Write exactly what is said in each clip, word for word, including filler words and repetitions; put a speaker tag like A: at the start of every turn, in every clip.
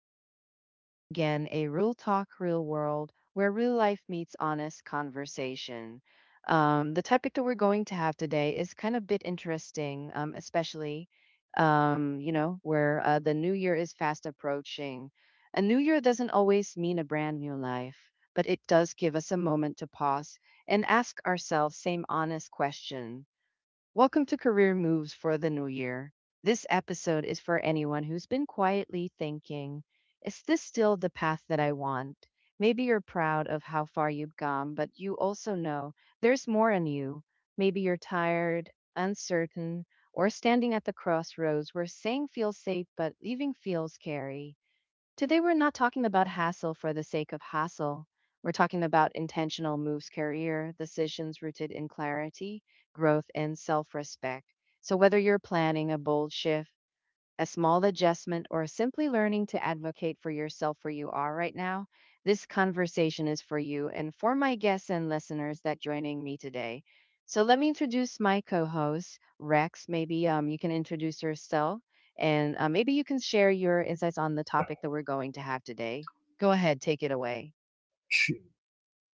A: evening. This is again a Real Talk, Real World, where real life meets honest conversation. Um, the topic that we're going to have today is kind of bit interesting, um, especially, um, you know, where uh, the new year is fast approaching. A new year doesn't always mean a brand new life, but it does give us a moment to pause and ask ourselves same honest question. Welcome to Career Moves for the New Year. This episode is for anyone who's been quietly thinking, is this still the path that I want? Maybe you're proud of how far you've gone, but you also know there's more in you. Maybe you're tired, uncertain, or standing at the crossroads where saying feels safe but leaving feels scary. Today, we're not talking about hassle for the sake of hassle. We're talking about intentional moves, career decisions rooted in clarity, growth, and self respect. So, whether you're planning a bold shift, a small adjustment, or simply learning to advocate for yourself where you are right now, this conversation is for you and for my guests and listeners that joining me today. So let me introduce my co-host Rex. Maybe um, you can introduce yourself, and uh, maybe you can share your insights on the topic that we're going to have today. Go ahead, take it away.
B: Sh-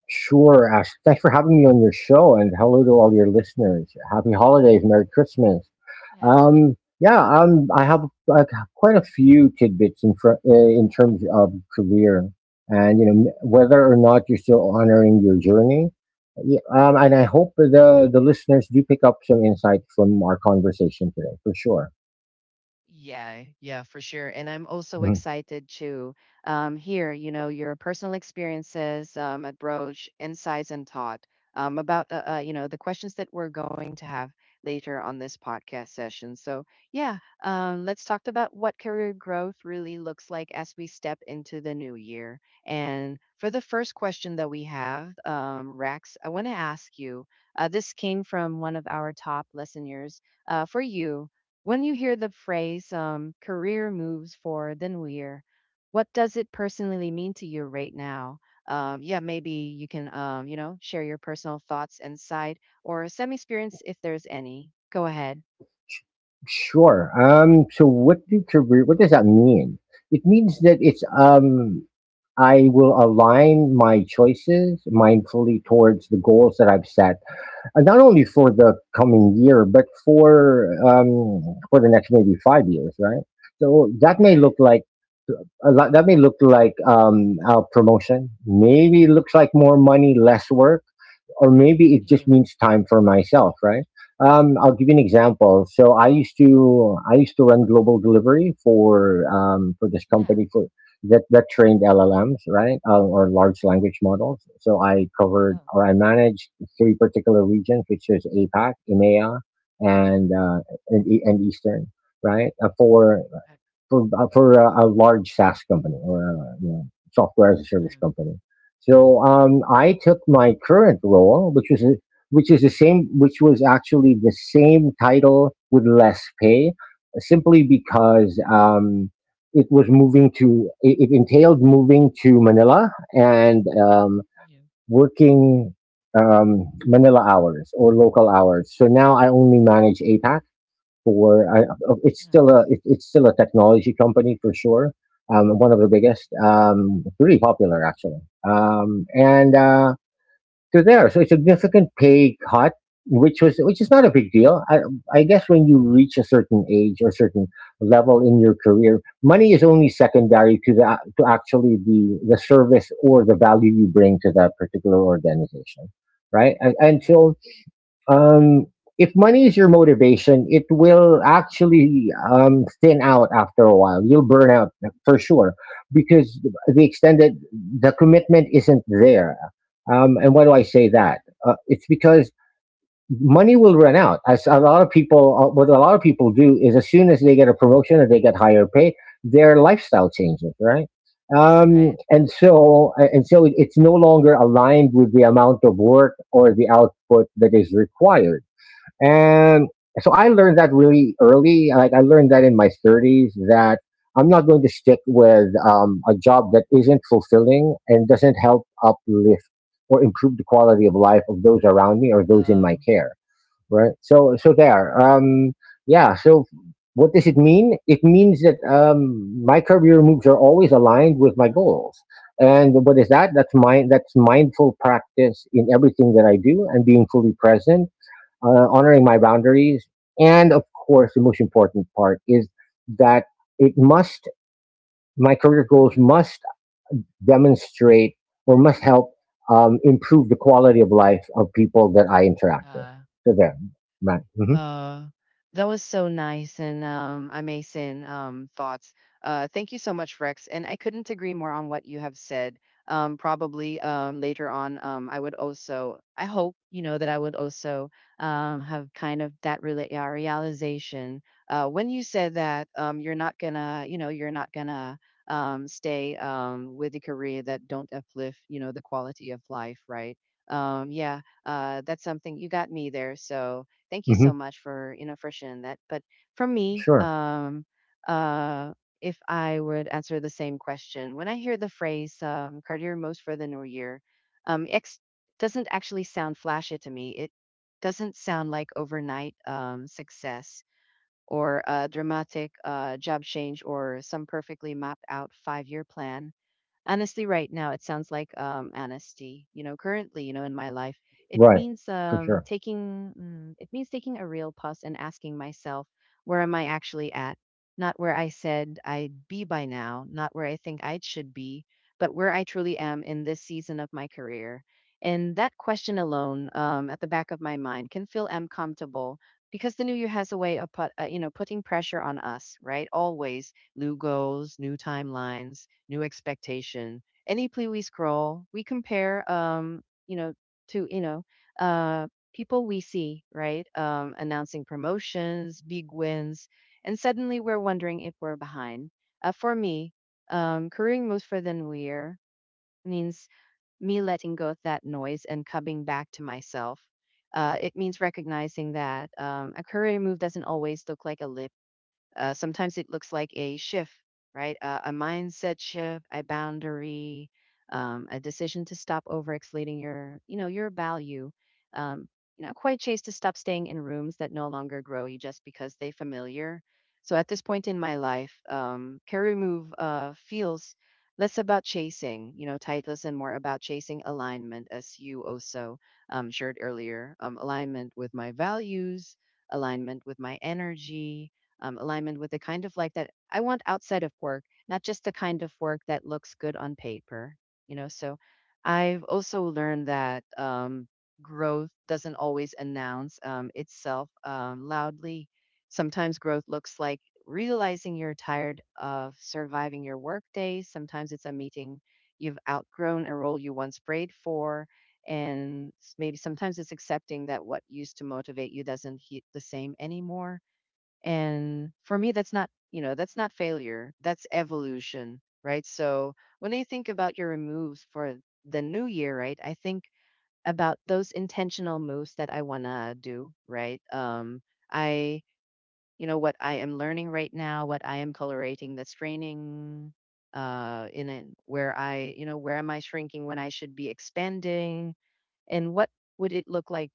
B: sure, Ash. Thanks for having me on your show, and hello to all your listeners. Happy holidays, Merry Christmas.
A: Yeah.
B: Um, yeah, um, I have uh, quite a few tidbits in fr- uh, in terms of career, and you know m- whether or not you're still honoring your journey. Yeah, um, and I hope the the listeners do pick up some insight from our conversation today, for sure.
A: Yeah, yeah, for sure. And I'm also
B: Mhm.
A: excited to um, hear, you know, your personal experiences, um, approach, insights, and thought um, about, uh, uh, you know, the questions that we're going to have later on this podcast session. So, yeah, um, let's talk about what career growth really looks like as we step into the new year. And for the first question that we have, um, Rex, I want to ask you. Uh, this came from one of our top listeners. Uh, for you, when you hear the phrase um, career moves forward than we're, what does it personally mean to you right now? Um, yeah, maybe you can, um, you know, share your personal thoughts, insight, or some experience if there's any. Go ahead.
B: Sure. Um, so, what do career? What does that mean? It means that it's um, I will align my choices mindfully towards the goals that I've set, uh, not only for the coming year, but for um, for the next maybe five years, right? So
A: All
B: that may
A: Right.
B: look like a lot. That may look like um, a promotion. Maybe it looks like more money, less work, or maybe it just
A: Yeah.
B: means time for myself, right? Um, I'll give you an example. So I used to I used to run global delivery for um, for this
A: Yeah.
B: company for that that trained L L Ms, right, uh, or large language models. So I covered
A: Oh.
B: or I managed three particular regions, which is APAC, EMEA,
A: Yeah.
B: and uh, and, E, and Eastern, right, uh, for
A: That,
B: for uh, for a, a large SaaS company or a, you know, software as a service
A: um.
B: company. So um, I took my current role, which was a- which is the same, which was actually the same title with less pay, simply because um, it was moving to it, it entailed moving to Manila and um,
A: Yeah.
B: working um, Manila hours or local hours. So now I only manage APAC for I, oh, it's
A: Yeah.
B: still a it, it's still a technology company for sure. Um, one of the biggest, um, pretty popular actually, um, and uh, they're there. So a significant pay cut, which was which is not a big deal. I, I guess when you reach a certain age or certain level in your career, money is only secondary to the, to actually the the service or the value you bring to that particular organization, right? And,
A: You
B: and
A: know.
B: so um, if money is your motivation, it will actually um, thin out after a while. You'll burn out for sure because the extent that the commitment isn't there. Um, and why do I say that? Uh, it's because money will run out. As a lot of people, uh, What a lot of people do is as soon as they get a promotion or they get higher pay, their lifestyle changes, right? Um,
A: Right.
B: and so, uh, and so, it's no longer aligned with the amount of work or the output that is required. And so I learned that really early. Like I learned that in my thirties that I'm not going to stick with um, a job that isn't fulfilling and doesn't help uplift or improve the quality of life of those around me or those in my
A: Um.
B: care. Right. So so there. Um, yeah. So what does it mean? It means that um, my career moves are always aligned with my goals. And what is that? That's mind. That's mindful practice in everything that I do, and being fully present, uh, honoring my boundaries. And of course, the most important part is that it must, my career goals
A: Yeah.
B: must demonstrate or must help um, improve the quality of life of people that I interact with.
A: Mm.
B: So there, right. hmm
A: Uh, that was so nice and um, amazing um, thoughts. Uh, thank you so much, Rex. And I couldn't agree more on what you have said. Um, probably um, later on, um, I would also, I hope, you know, that I would also um, have kind of that rela- uh, realization. Uh, when you said that um, you're not gonna, you know, you're not gonna um, stay um, with a career that don't uplift, you know, the quality of life, right? Um, yeah, uh, that's something you got me there. So thank you
B: hmm
A: so much for, you know, for sharing that. But from me,
B: Sure.
A: um, uh, if I would answer the same question, when I hear the phrase um, career most for the new year, um, X doesn't actually sound flashy to me. It doesn't sound like overnight um, success or a dramatic uh, job change or some perfectly mapped out five year plan. Honestly, right now it sounds like um honesty. You know, currently, you know, in my life, it
B: Right.
A: means
B: For
A: um
B: sure.
A: taking, mm, it means taking a real pause and asking myself where am I actually at, not where I said I'd be by now, not where I think I should be, but where I truly am in this season of my career. And that question alone, um, at the back of my mind, can feel uncomfortable because the new year has a way of put, uh, you know, putting pressure on us, right? Always new goals, new timelines, new expectation. Any plea we scroll, we compare, um, you know, to, you know, uh, people we see, right? Um, announcing promotions, big wins, and suddenly we're wondering if we're behind. Uh, for me, um, careering moves for the new year means me letting go of that noise and coming back to myself. Uh, it means recognizing that um, a career move doesn't always look like a lift. Uh, sometimes it looks like a shift, right? Uh, a mindset shift, a boundary, um, a decision to stop overextending your, you know, your value. Um, you know, Quite chase to stop staying in rooms that no longer grow you just because they familiar. So at this point in my life, um, career move uh, feels less about chasing, you know, titles and more about chasing alignment, as you also um, shared earlier. Um, alignment with my values, alignment with my energy, um, alignment with the kind of life that I want outside of work, not just the kind of work that looks good on paper, you know. So I've also learned that um, growth doesn't always announce um, itself um, loudly. Sometimes growth looks like realizing you're tired of surviving your workday. Sometimes it's a meeting you've outgrown, a role you once prayed for. And s- maybe sometimes it's accepting that what used to motivate you doesn't hit the same anymore, and for me, that's not, you know, that's not failure. That's evolution, right? So when I think about your moves for the new year, right, I think about those intentional moves that I want to do, right? Um, I, you know, what I am learning right now, what I am colorating that's training uh, in it, where I, you know, where am I shrinking when I should be expanding? And what would it look like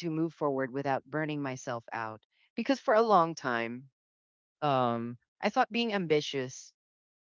A: to move forward without burning myself out? Because for a long time, um, I thought being ambitious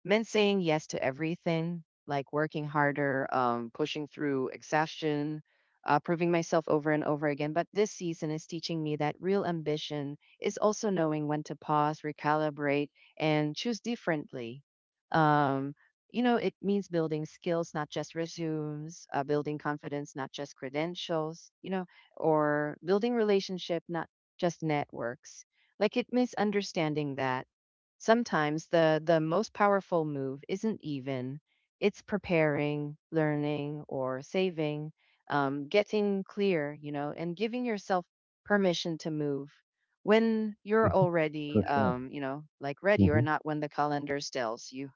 A: meant saying yes to everything, like working harder, um, pushing through exhaustion, uh, proving myself over and over again. But this season is teaching me that real ambition is also knowing when to pause, recalibrate, and choose differently. Um, you know, it means building skills, not just resumes, uh, building confidence, not just credentials, you know, or building relationship, not just networks. Like it means understanding that Sometimes the the most powerful move isn't even it's preparing, learning, or saving, um, getting clear, you know, and giving yourself permission to move when you're
B: hmm
A: already,
B: For sure.
A: um, you know, like ready or
B: hmm
A: not when the calendar tells you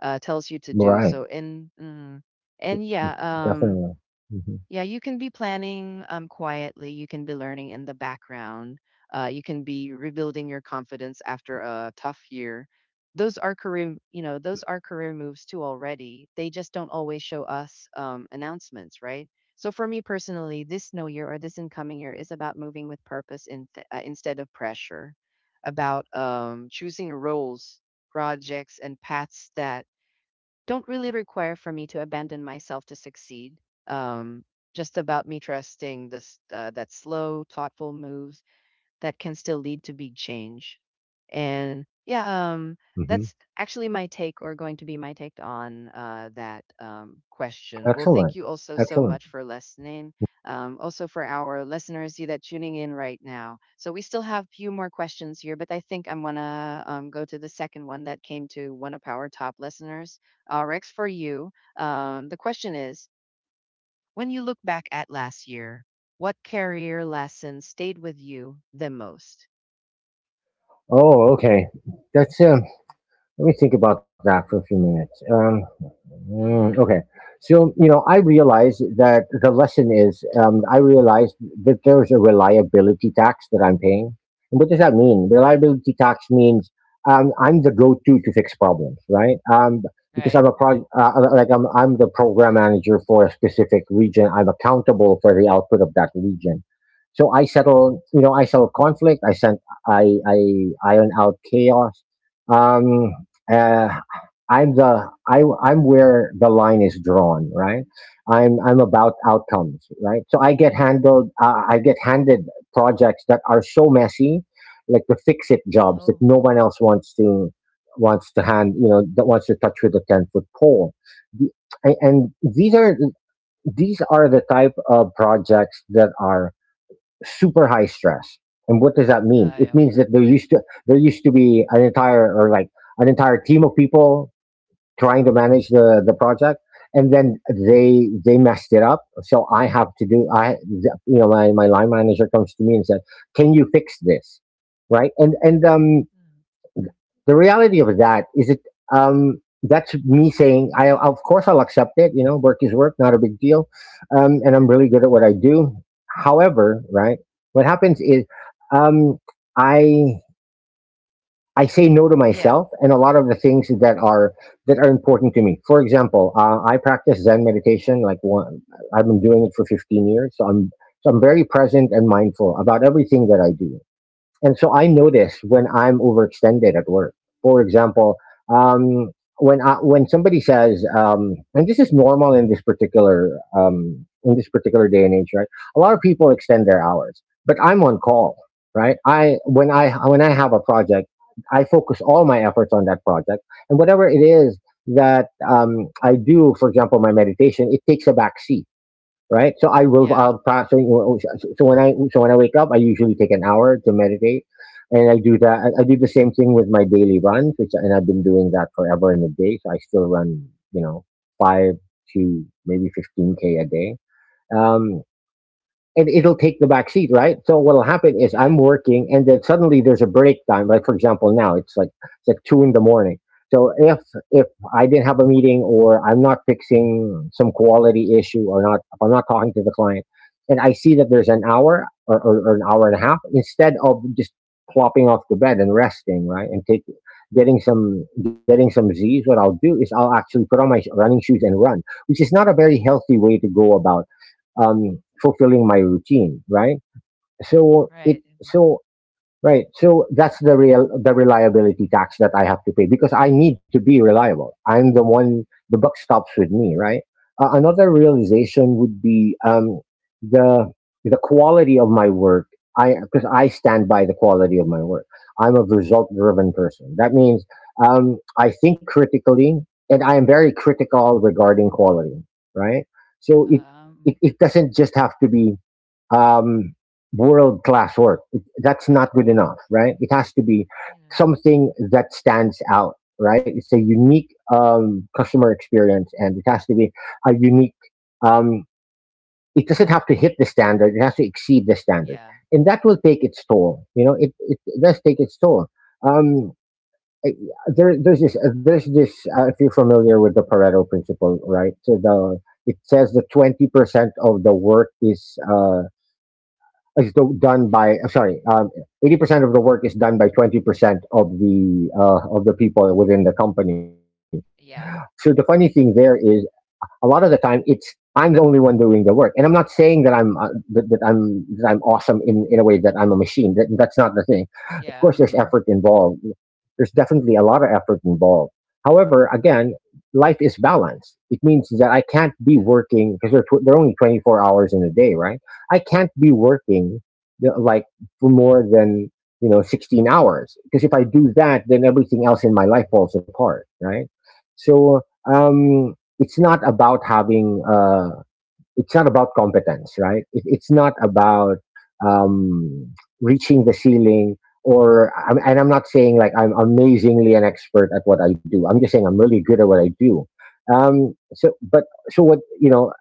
A: uh, tells you to do.
B: Right.
A: So. And mm, and
B: Mhm.
A: yeah, um,
B: Definitely. hmm
A: yeah, you can be planning um, quietly. You can be learning in the background. Uh, you can be rebuilding your confidence after a tough year. Those are career, you know, those are career moves too already. They just don't always show us um, announcements, right? So for me personally, this no year or this incoming year is about moving with purpose in th- uh, instead of pressure, about um, choosing roles, projects, and paths that don't really require for me to abandon myself to succeed. Um, just about me trusting this uh, that slow, thoughtful moves that can still lead to big change. And yeah, um,
B: hmm
A: that's actually my take or going to be my take on uh, that um, question. Well, thank
B: Excellent.
A: you also so
B: Excellent.
A: much for listening. Um, also for our listeners you that tuning in right now. So we still have a few more questions here, but I think I'm gonna um, go to the second one that came to one of our top listeners. Uh, Rex, for you, um, the question is: when you look back at last year, what career lesson stayed with you the most?
B: Oh, okay. That's um, Let me think about that for a few minutes. Um, mm, okay.
A: Mm,
B: So, you know, I realize that the lesson is um, I realized that there's a reliability tax that I'm paying. And what does that mean? Reliability tax means um, I'm the go to to fix problems, right? Um, because
A: right.
B: I'm a pro, uh, like I'm, I'm the program manager for a specific region. I'm accountable for the output of that region. So I settle, you know, I settle conflict. I sent, I, I iron out chaos. Um, uh, I'm the I, I'm where the line is drawn, right? I'm I'm about outcomes, right? So I get handled, uh, I get handed projects that are so messy, like the fix it jobs that
A: Oh,
B: no one else wants to wants to hand, you know, that wants to touch with a ten foot pole. The, a- and these are these are the type of projects that are super high stress. And what does that mean?
A: I
B: It
A: um,
B: means that there used to there used to be an entire or like an entire team of people trying to manage the the project, and then
A: mm,
B: they they messed it up. So I have to do. I You know, my my line manager comes to me and said, "Can you fix this?" Right? And and um
A: mm.
B: the reality of that is it um that's me saying, I, of course, I'll accept it. You know, work is work, not a big deal. Um and I'm really good at what I do. However, right, what happens is um i I say no to
A: Yeah,
B: myself and a lot of the things that are that are important to me. For example, uh, I practice Zen meditation. Like one I've been doing it for fifteen years, so i'm so I'm very present and mindful about everything that I do. And so I notice when I'm overextended at work. For example, um, when I, when somebody says, um, and this is normal in this particular um, in this particular day and age, right? A lot of people extend their hours, but I'm on call, right? I When I when I have a project, I focus all my efforts on that project, and whatever it is that um, I do, for example, my meditation, it takes a backseat, right? So I will.
A: yeah,
B: I'll pass. So, so when I so when I wake up, I usually take an hour to meditate, and I do that. I, I do the same thing with my daily runs, which, and I've been doing that forever. In a day, so I still run, you know, five to maybe fifteen k a day. Um, and it'll take the back seat, right? So what'll happen is
A: yeah,
B: I'm working, and then suddenly there's a break time. Like, for example, now it's like it's like two in the morning. So if if I didn't have a meeting or I'm not fixing some quality issue, or not, if I'm not talking to the client, and I see that there's an hour or, or, or an hour and a half, instead of just plopping off the bed and resting, right, and take getting some getting some Z's, what I'll do is I'll actually put on my sh- running shoes and run, which is not a very healthy way to go about um, fulfilling my routine, right? So it
A: right. and,
B: so Right. So that's the real the reliability tax that I have to pay because I need to be reliable. I'm the one. The buck stops with me, right? Uh, another realization would be um, the the quality of my work. I Because I stand by the quality of my work. I'm a result driven person. That means um, I think critically, and I am very critical regarding quality, right? So it,
A: Um,
B: it it doesn't just have to be um, world class work. It- That's not good enough, right? It has to be
A: you know,
B: something that stands out, right? It's a unique um, customer experience, and it has to be a unique. Um, it doesn't have to hit the standard; it has to exceed the standard,
A: yeah,
B: and that will take its toll. You know, it it does take its toll. Um, I- there, there's this, there's this. Uh, if you're familiar with the Pareto principle, right? So the it says that twenty percent of the work is uh, is do- done by uh, sorry um, eighty percent of the work is done by twenty percent of the uh, of the people within the company.
A: yeah,
B: So the funny thing there is a lot of the time it's I'm the only one doing the work, and I'm not saying that I'm uh, that, that I'm, that I'm awesome in in a way that I'm a machine. That that's not the thing.
A: yeah,
B: Of course, there's
A: mhm,
B: effort involved. There's definitely a lot of effort involved. However, again, life is balanced. It means that I can't be
A: yeah,
B: working because they're tw- they're only twenty-four hours in a day, right? I can't be
A: no,
B: working, you know, like for more than, you know, sixteen hours, because if I do that, then everything else in my life falls apart, right? So um it's not about having uh, it's not about competence, right? It, it's not about um, reaching the ceiling. Or I'm- and I'm not saying like I'm amazingly an expert at what I do. I'm just saying I'm really good at what I do. Um, so but so what you know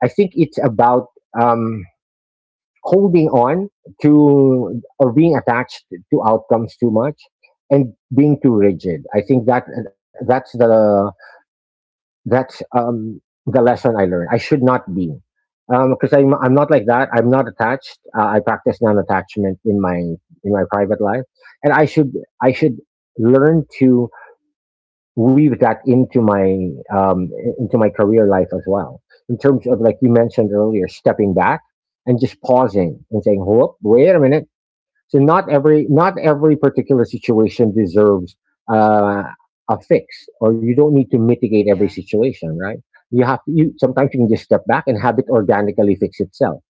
B: I think it's about um, holding on to or being attached to outcomes too much and being too rigid. I think that that's the that's um, the lesson I learned. I should not be, because I'm I'm not like that. I'm not attached. Uh, I practice non-attachment in my in my private life, and I should I should learn to weave that into my um, into my career life as well. In terms of, like you mentioned earlier, stepping back and just pausing and saying, "Whoop, wait a minute." So not every not every particular situation deserves uh, a fix, or you don't need to mitigate every
A: yeah.
B: situation, right? You have to. You sometimes you can just step back and have it organically fix itself.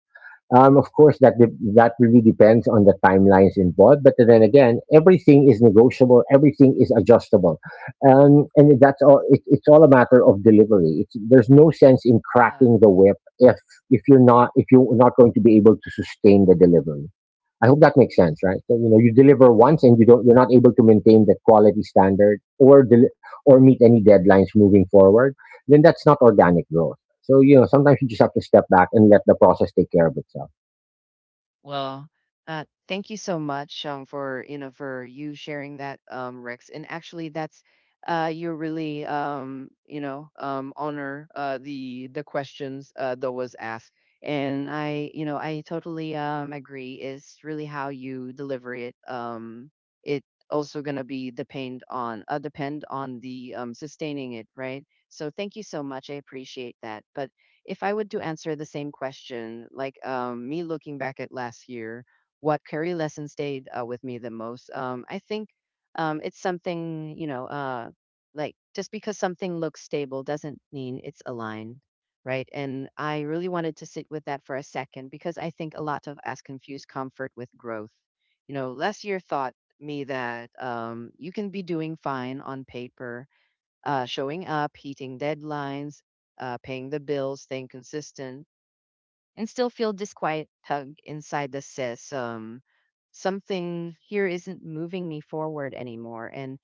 B: Um, of course, that de- that really depends on the timelines involved. But then again, everything is negotiable. Everything is adjustable, um, and that's all. It, it's all a matter of delivery. It's, there's no sense in
A: Uh,
B: cracking the whip if if you're not if you're not going to be able to sustain the delivery. I hope that makes sense, right? So, you know, you deliver
A: it
B: once and you don't, you're not able to maintain that quality standard or del- or meet any deadlines moving forward. Then that's not organic growth. So, you know, sometimes you just have to step back and let the process take care of itself.
A: Well, uh, thank you so much um, for you know for you sharing that, um, Rex. And actually, that's uh, you really um, you know um, honor uh, the the questions uh, that was asked. And I you know I totally um, agree. It's really how you deliver it. Um, it also gonna be depend on uh, depend on the um, sustaining it, right? So thank you so much. I appreciate that. But if I would to answer the same question, like um, me looking back at last year, what career lesson stayed uh, with me the most? Um, I think um, it's something, you know, uh, like just because something looks stable doesn't mean it's aligned, right? And I really wanted to sit with that for a second because I think a lot of us confuse comfort with growth. You know, last year thought me that um, you can be doing fine on paper, uh, showing up, hitting deadlines, uh, paying the bills, staying consistent, and still feel this quiet tug inside that says, um, something here isn't moving me forward anymore. And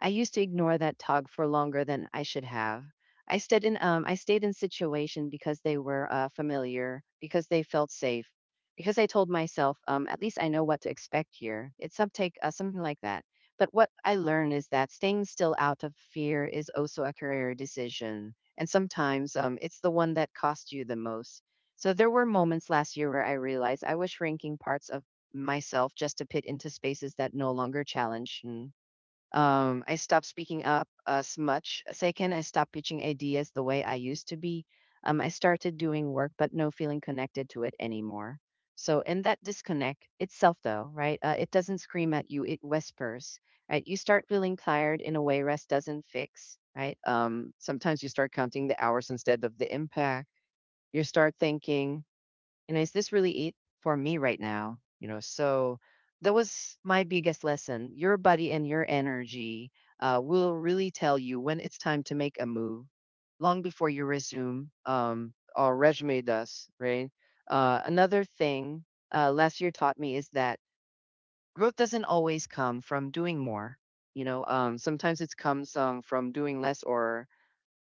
A: I used to ignore that tug for longer than I should have. I stayed in um, I stayed in situation because they were uh, familiar, because they felt safe, because I told myself, um, at least I know what to expect here. It's some take uh, something like that. But what I learned is that staying still out of fear is also a career decision, and sometimes um, it's the one that costs you the most. So there were moments last year where I realized I was shrinking parts of myself just to fit into spaces that no longer challenge. me. Um, I stopped speaking up as much. Second, I stopped pitching ideas the way I used to be. Um, I started doing work, but no feeling connected to it anymore. So, in that disconnect itself, though, right? Uh, it doesn't scream at you; it whispers. Right? You start feeling tired in a way rest doesn't fix. Right? Um, sometimes you start counting the hours instead of the impact. You start thinking, and is this really it for me right now? You know, so that was my biggest lesson. Your body and your energy uh, will really tell you when it's time to make a move, long before you resume um, or resume does, right? Uh, another thing uh, last year taught me is that growth doesn't always come from doing more. You know, um, sometimes it comes um, from doing less or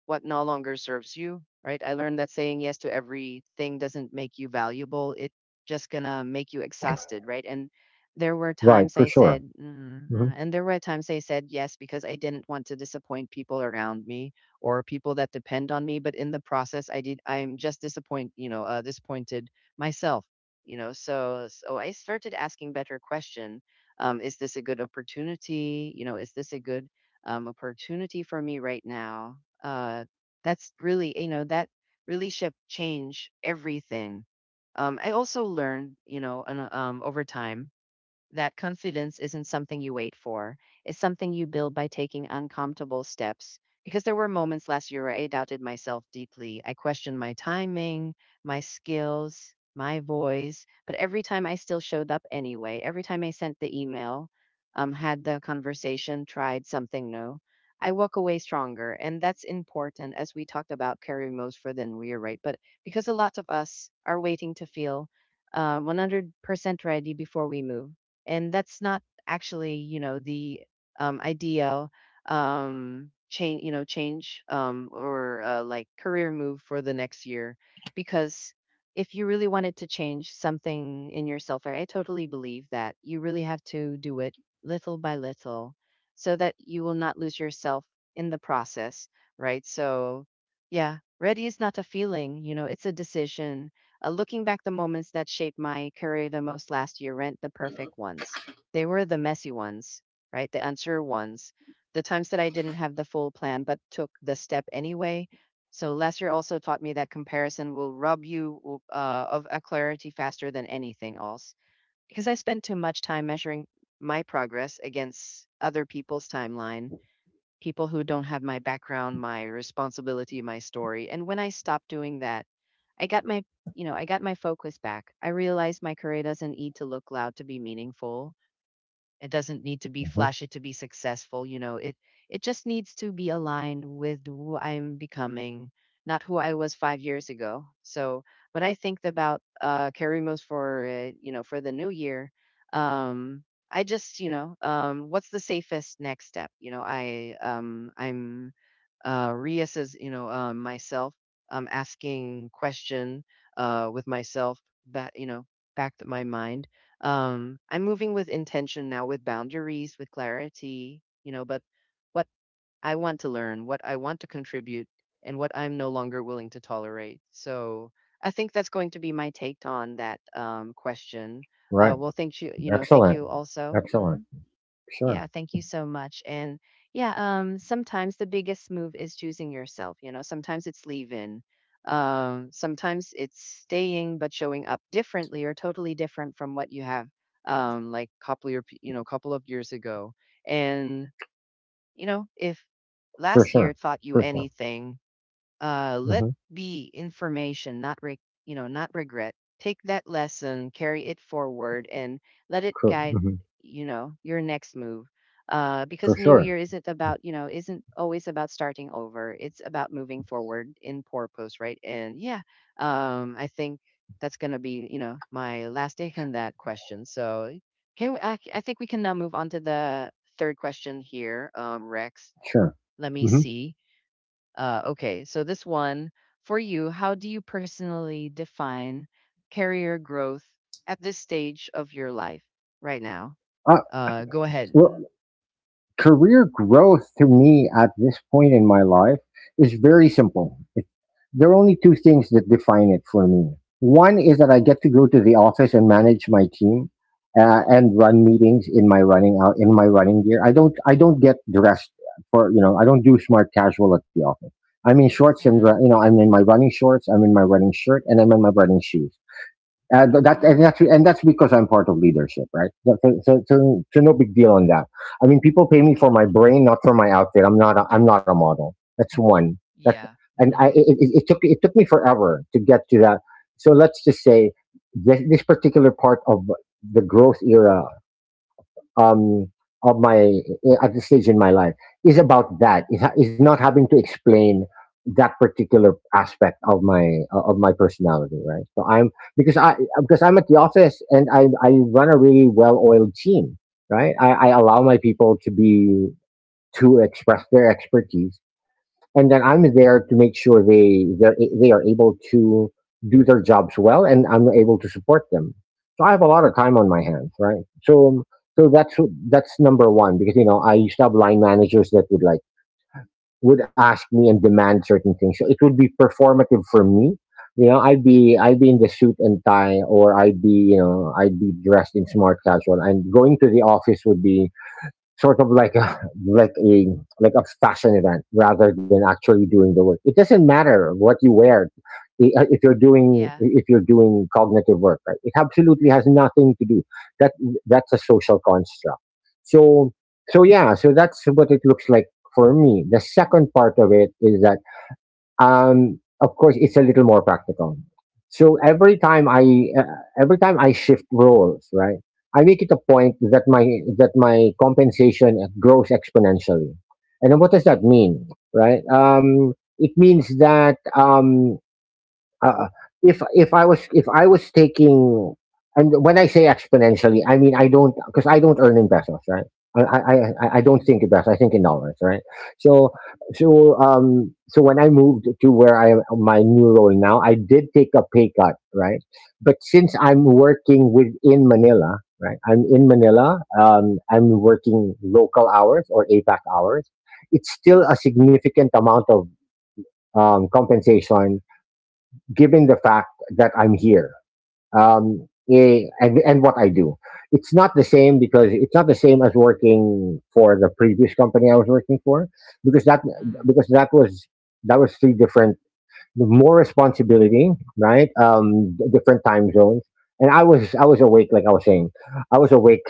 A: what no longer serves you, right? I learned that saying yes to everything doesn't make you valuable. It just gonna make you exhausted, right? And there were
B: Right,
A: times I
B: for sure.
A: said, "Mm, uh,"
B: Hmm.
A: and there were times I said yes because I didn't want to disappoint people around me or people that depend on me. But in the process, I did. I'm just disappoint, you know, uh, disappointed myself, you know. So, so I started asking better question. Um, is this a good opportunity? You know, is this a good um, opportunity for me right now. Uh, that's really, you know, that really should change everything. Um, I also learned, you know, and, um, over time that confidence isn't something you wait for. It's something you build by taking uncomfortable steps. Because there were moments last year where I doubted myself deeply. I questioned my timing, my skills, my voice. But every time I still showed up anyway, every time I sent the email, um, had the conversation, tried something new, I walk away stronger. And that's important as we talked about carrying most for than we are right. But because a lot of us are waiting to feel uh, one hundred percent ready before we move, and that's not actually, you know, the um, ideal um, change, you know, change um, or uh, like career move for the next year. Because if you really wanted to change something in yourself, I I totally believe that you really have to do it little by little so that you will not lose yourself in the process, right? So, yeah, ready is not a feeling, you know, it's a decision. Uh, looking back, the moments that shaped my career the most last year weren't the perfect ones. They were the messy ones, right? The unsure ones, the times that I didn't have the full plan but took the step anyway. So last year also taught me that comparison will rob you w- uh, of a clarity faster than anything else. Because I spent too much time measuring my progress against other people's timeline, people who don't have my background, my responsibility, my story. And when I stopped doing that, I got my, you know, I got my focus back. I realized my career doesn't need to look loud to be meaningful. It doesn't need to be
B: Hmm.
A: flashy to be successful, you know. It it just needs to be aligned with who I'm becoming, not who I was five years ago. So, when I think about uh Karimos for, uh, you know, for the new year, um I just, you know, um what's the safest next step? You know, I um I'm uh reassess, you know, um myself, I'm asking question uh with myself, back, you know, back to my mind. um, I'm moving with intention now, with boundaries, with clarity, you know, but what I want to learn, what I want to contribute, and what I'm no longer willing to tolerate. So I think that's going to be my take on that um, question.
B: Right.
A: Uh, well, thank you, you know, thank
B: Excellent.
A: you also.
B: Excellent.
A: Mhm.
B: Sure.
A: Yeah, thank you so much. And yeah, um, sometimes the biggest move is choosing yourself. You know, sometimes it's leaving. Um, sometimes it's staying but showing up differently or totally different from what you have, um, like couple your, you know, couple of years ago. And you know, if
B: For
A: last year
B: sure.
A: taught you
B: For sure.
A: anything, uh, let
B: Hmm.
A: be information, not re- you know, not regret. Take that lesson, carry it forward, and let it
B: For,
A: guide
B: hmm,
A: you know your next move. Uh, because
B: for
A: New
B: sure.
A: Year isn't about you know isn't always about starting over. It's about moving forward in purpose, right? And yeah, um, I think that's gonna be you know my last take on that question. So can we, I, I think we can now move on to the third question here, um, Rex.
B: Sure.
A: Let me
B: Hmm.
A: see. Uh, okay, so this one for you, how do you personally define career growth at this stage of your life right now?
B: Uh,
A: Uh, go ahead.
B: well,
A: Mm.
B: career growth to me at this point in my life is very simple. It, there are only two things that define it for me. One is that I get to go to the office and manage my team uh, and run meetings in my running out in my running gear. I don't I don't get dressed for you know I don't do smart casual at the office. I'm in shorts and ru-
A: Mm.
B: you know I'm in my running shorts. I'm in my running shirt, and I'm in my running shoes. Uh, th- that
A: Uh-uh.
B: and
A: Mm.
B: that's and that's because I'm part of leadership, right? So, so, so, so so no big deal on that. I mean, people pay me
A: Mm.
B: for my brain, not for my outfit. I'm not a, I'm not a model. That's one. That,
A: Yeah.
B: and I
A: Mm.
B: it, it, it took it took me forever to get to that. So let's just say this, this particular part of the growth era, um, of my eh, at this stage in my life, is about that. Is It's not having to explain that particular aspect of my uh, of my personality, right? So I'm, because I because I'm at the office and I I run a really well oiled team, right? I, I allow my people to be, to express their expertise, and then I'm there to make sure they they're a- they are able to do their jobs well, and I'm able to support them. So I have a lot of time on my hands, right? So so that's that's number one, because you know I used to have line managers that would like would ask me and demand certain things. So it would be performative for me. You know, I'd be I'd be in the suit and tie, or I'd be, you know, I'd be dressed in smart casual, and going to the office would be sort of like a like a like a fashion event rather than actually doing the work. It doesn't matter what you wear i- uh, if you're doing,
A: Yeah.
B: if you're doing cognitive work. Right? It absolutely has nothing to do. That that's a social construct. So so yeah. So that's what it looks like for me. The second part of it is that, um, of course, it's a little more practical. So every time i uh, every time I shift roles, right, I make it a point that my that my compensation grows exponentially. And then what does that mean, right? Um, it means that um, uh, if if I was if I was taking, and when I say exponentially, I mean, I don't, because I don't earn in pesos, right? I, I I I don't
A: Yeah.
B: think in pesos. I think in dollars, right? So so um so when I moved to where I my new role now, I did take a pay cut, right? But since I'm working within Manila, right? I'm in Manila. Um, I'm working local hours or A pack hours. It's still a significant amount of um, compensation, given the fact that I'm here, um, eh, and, and what I do. It's not the same, because it's not the same as working for the previous company I was working for, because that
A: Mm.
B: because that was that was three different, more responsibility, right? Um, d- different time zones, and I was I was awake, like I was saying, I was awake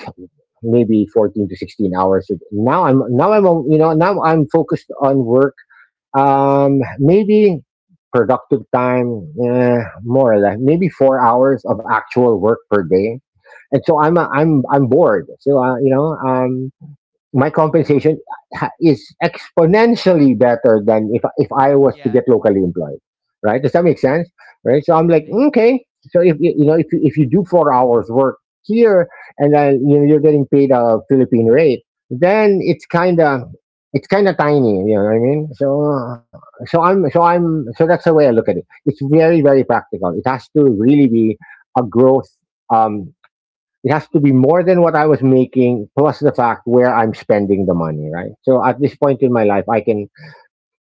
B: maybe fourteen to sixteen hours. Now I'm now I'm on- you know now I'm focused on work. Um, maybe productive time, eh, more or less, maybe four hours of actual work per day. And so I'm uh, I'm I'm bored. So uh, you know um, my compensation ha- is exponentially better than if if I was to
A: Yeah.
B: get locally employed, right? Does that make sense? Right? So I'm like,
A: Mm.
B: okay. So if you, you know, if you- if you do four hours work here, and then, you know, you're getting paid a Philippine rate, then it's kind of it's kind of tiny, you know what I mean? So uh, so I'm so I'm so that's the way I look at it. It's very, very practical. It has to really be a growth. Um, it has to be more than what I was making, plus the fact where I'm spending the money, right? So at this point in my life, I can,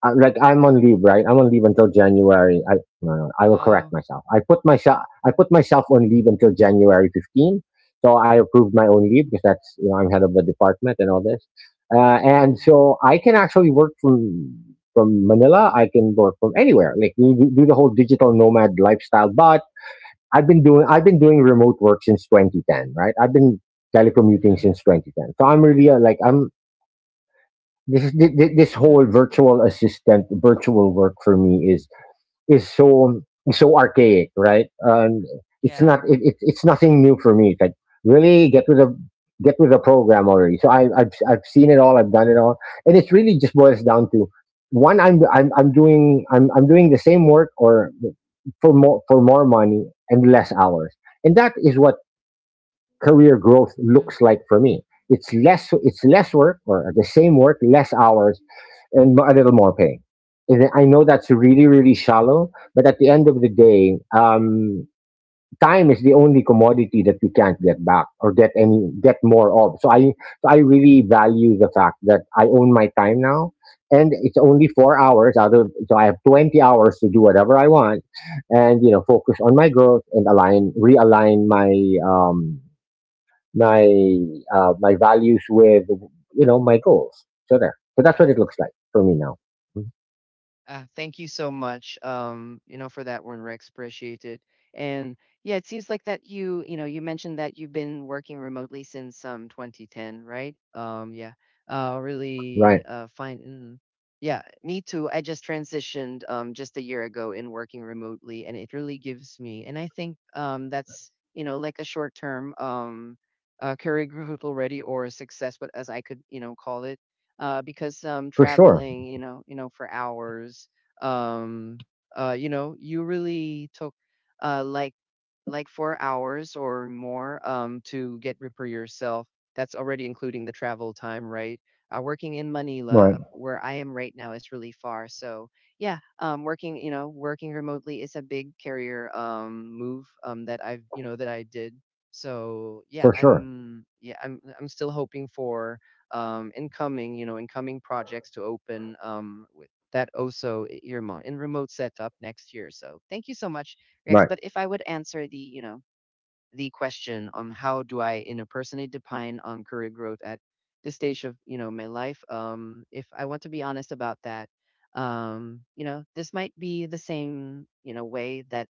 B: uh, like, I'm on leave, right? I'm on leave until January. I, no, no, I will correct
A: Well.
B: myself. I put myself, I
A: Mm.
B: put myself on leave until January fifteenth. So I approved my own leave because that's, you know, I'm head of the department and all this. Uh, and
A: Mm.
B: so I can actually work from, from Manila. I can work from anywhere. Like, we do do the whole digital nomad lifestyle, but I've been doing I've been doing remote work since twenty ten, right? I've been telecommuting
A: Mm.
B: since twenty ten. So I'm really uh, like I'm this is thi- thi- this whole
A: Mm.
B: virtual assistant virtual work for me is is so so archaic, right? Um, it's
A: Yeah.
B: not it, it, it's nothing new for me. It's like really get with a get with a program already. So I, I've I've seen it all. I've done it all, and it's really just boils down to one. I'm I'm I'm doing I'm I'm doing the same work, or for more for more money and less hours, and that is what career growth
A: Mm.
B: looks like for me. It's less it's less work, or the same work, less hours, and a little more pay. And I know that's really, really shallow, but at the end of the day, um, time is the only commodity that we can't get back or get any get more of. So I so I really value the fact that I own my time now, and it's only four hours out of, so I have twenty hours to do whatever I want, and, you know, focus on my growth and align realign my um my uh, my values with, you know, my goals. So there. So that's what
A: Yeah.
B: it looks like for me now.
A: Uh, thank you so much, um, you know, for that one, Rex. Appreciate it. And yeah, it seems like that you, you know, you mentioned that you've been working remotely since um twenty ten, right? Um, yeah. Uh,
B: Right.
A: really uh fine. Mm. Yeah, me too. I just transitioned um just a year ago in working remotely, and it really gives me, and I think um that's, you know, like a short term um uh career growth already or a success, but as I could, you know, call it uh, because um,
B: For sure.
A: traveling, you know, you know, for hours, um, uh, you know, you really took uh, like like four hours or more um, to get prepare yourself. That's already including the travel time, right? Uh, working in Manila,
B: Right.
A: uh, where I am right now, is really far. So yeah, um, working you know working remotely is a big career um, move um, that I've you know that I did. So
B: For
A: yeah,
B: sure.
A: I'm yeah I'm I'm still hoping for um, incoming you know incoming projects to open um, with that also earmark in remote setup next year. So thank you so much Rex.
B: Right.
A: But if I would answer the, you know, the question on how do I, you know, personally define on career growth at this stage of, you know, my life, um, if I want to be honest about that, um, you know, this might be the same, you know, way that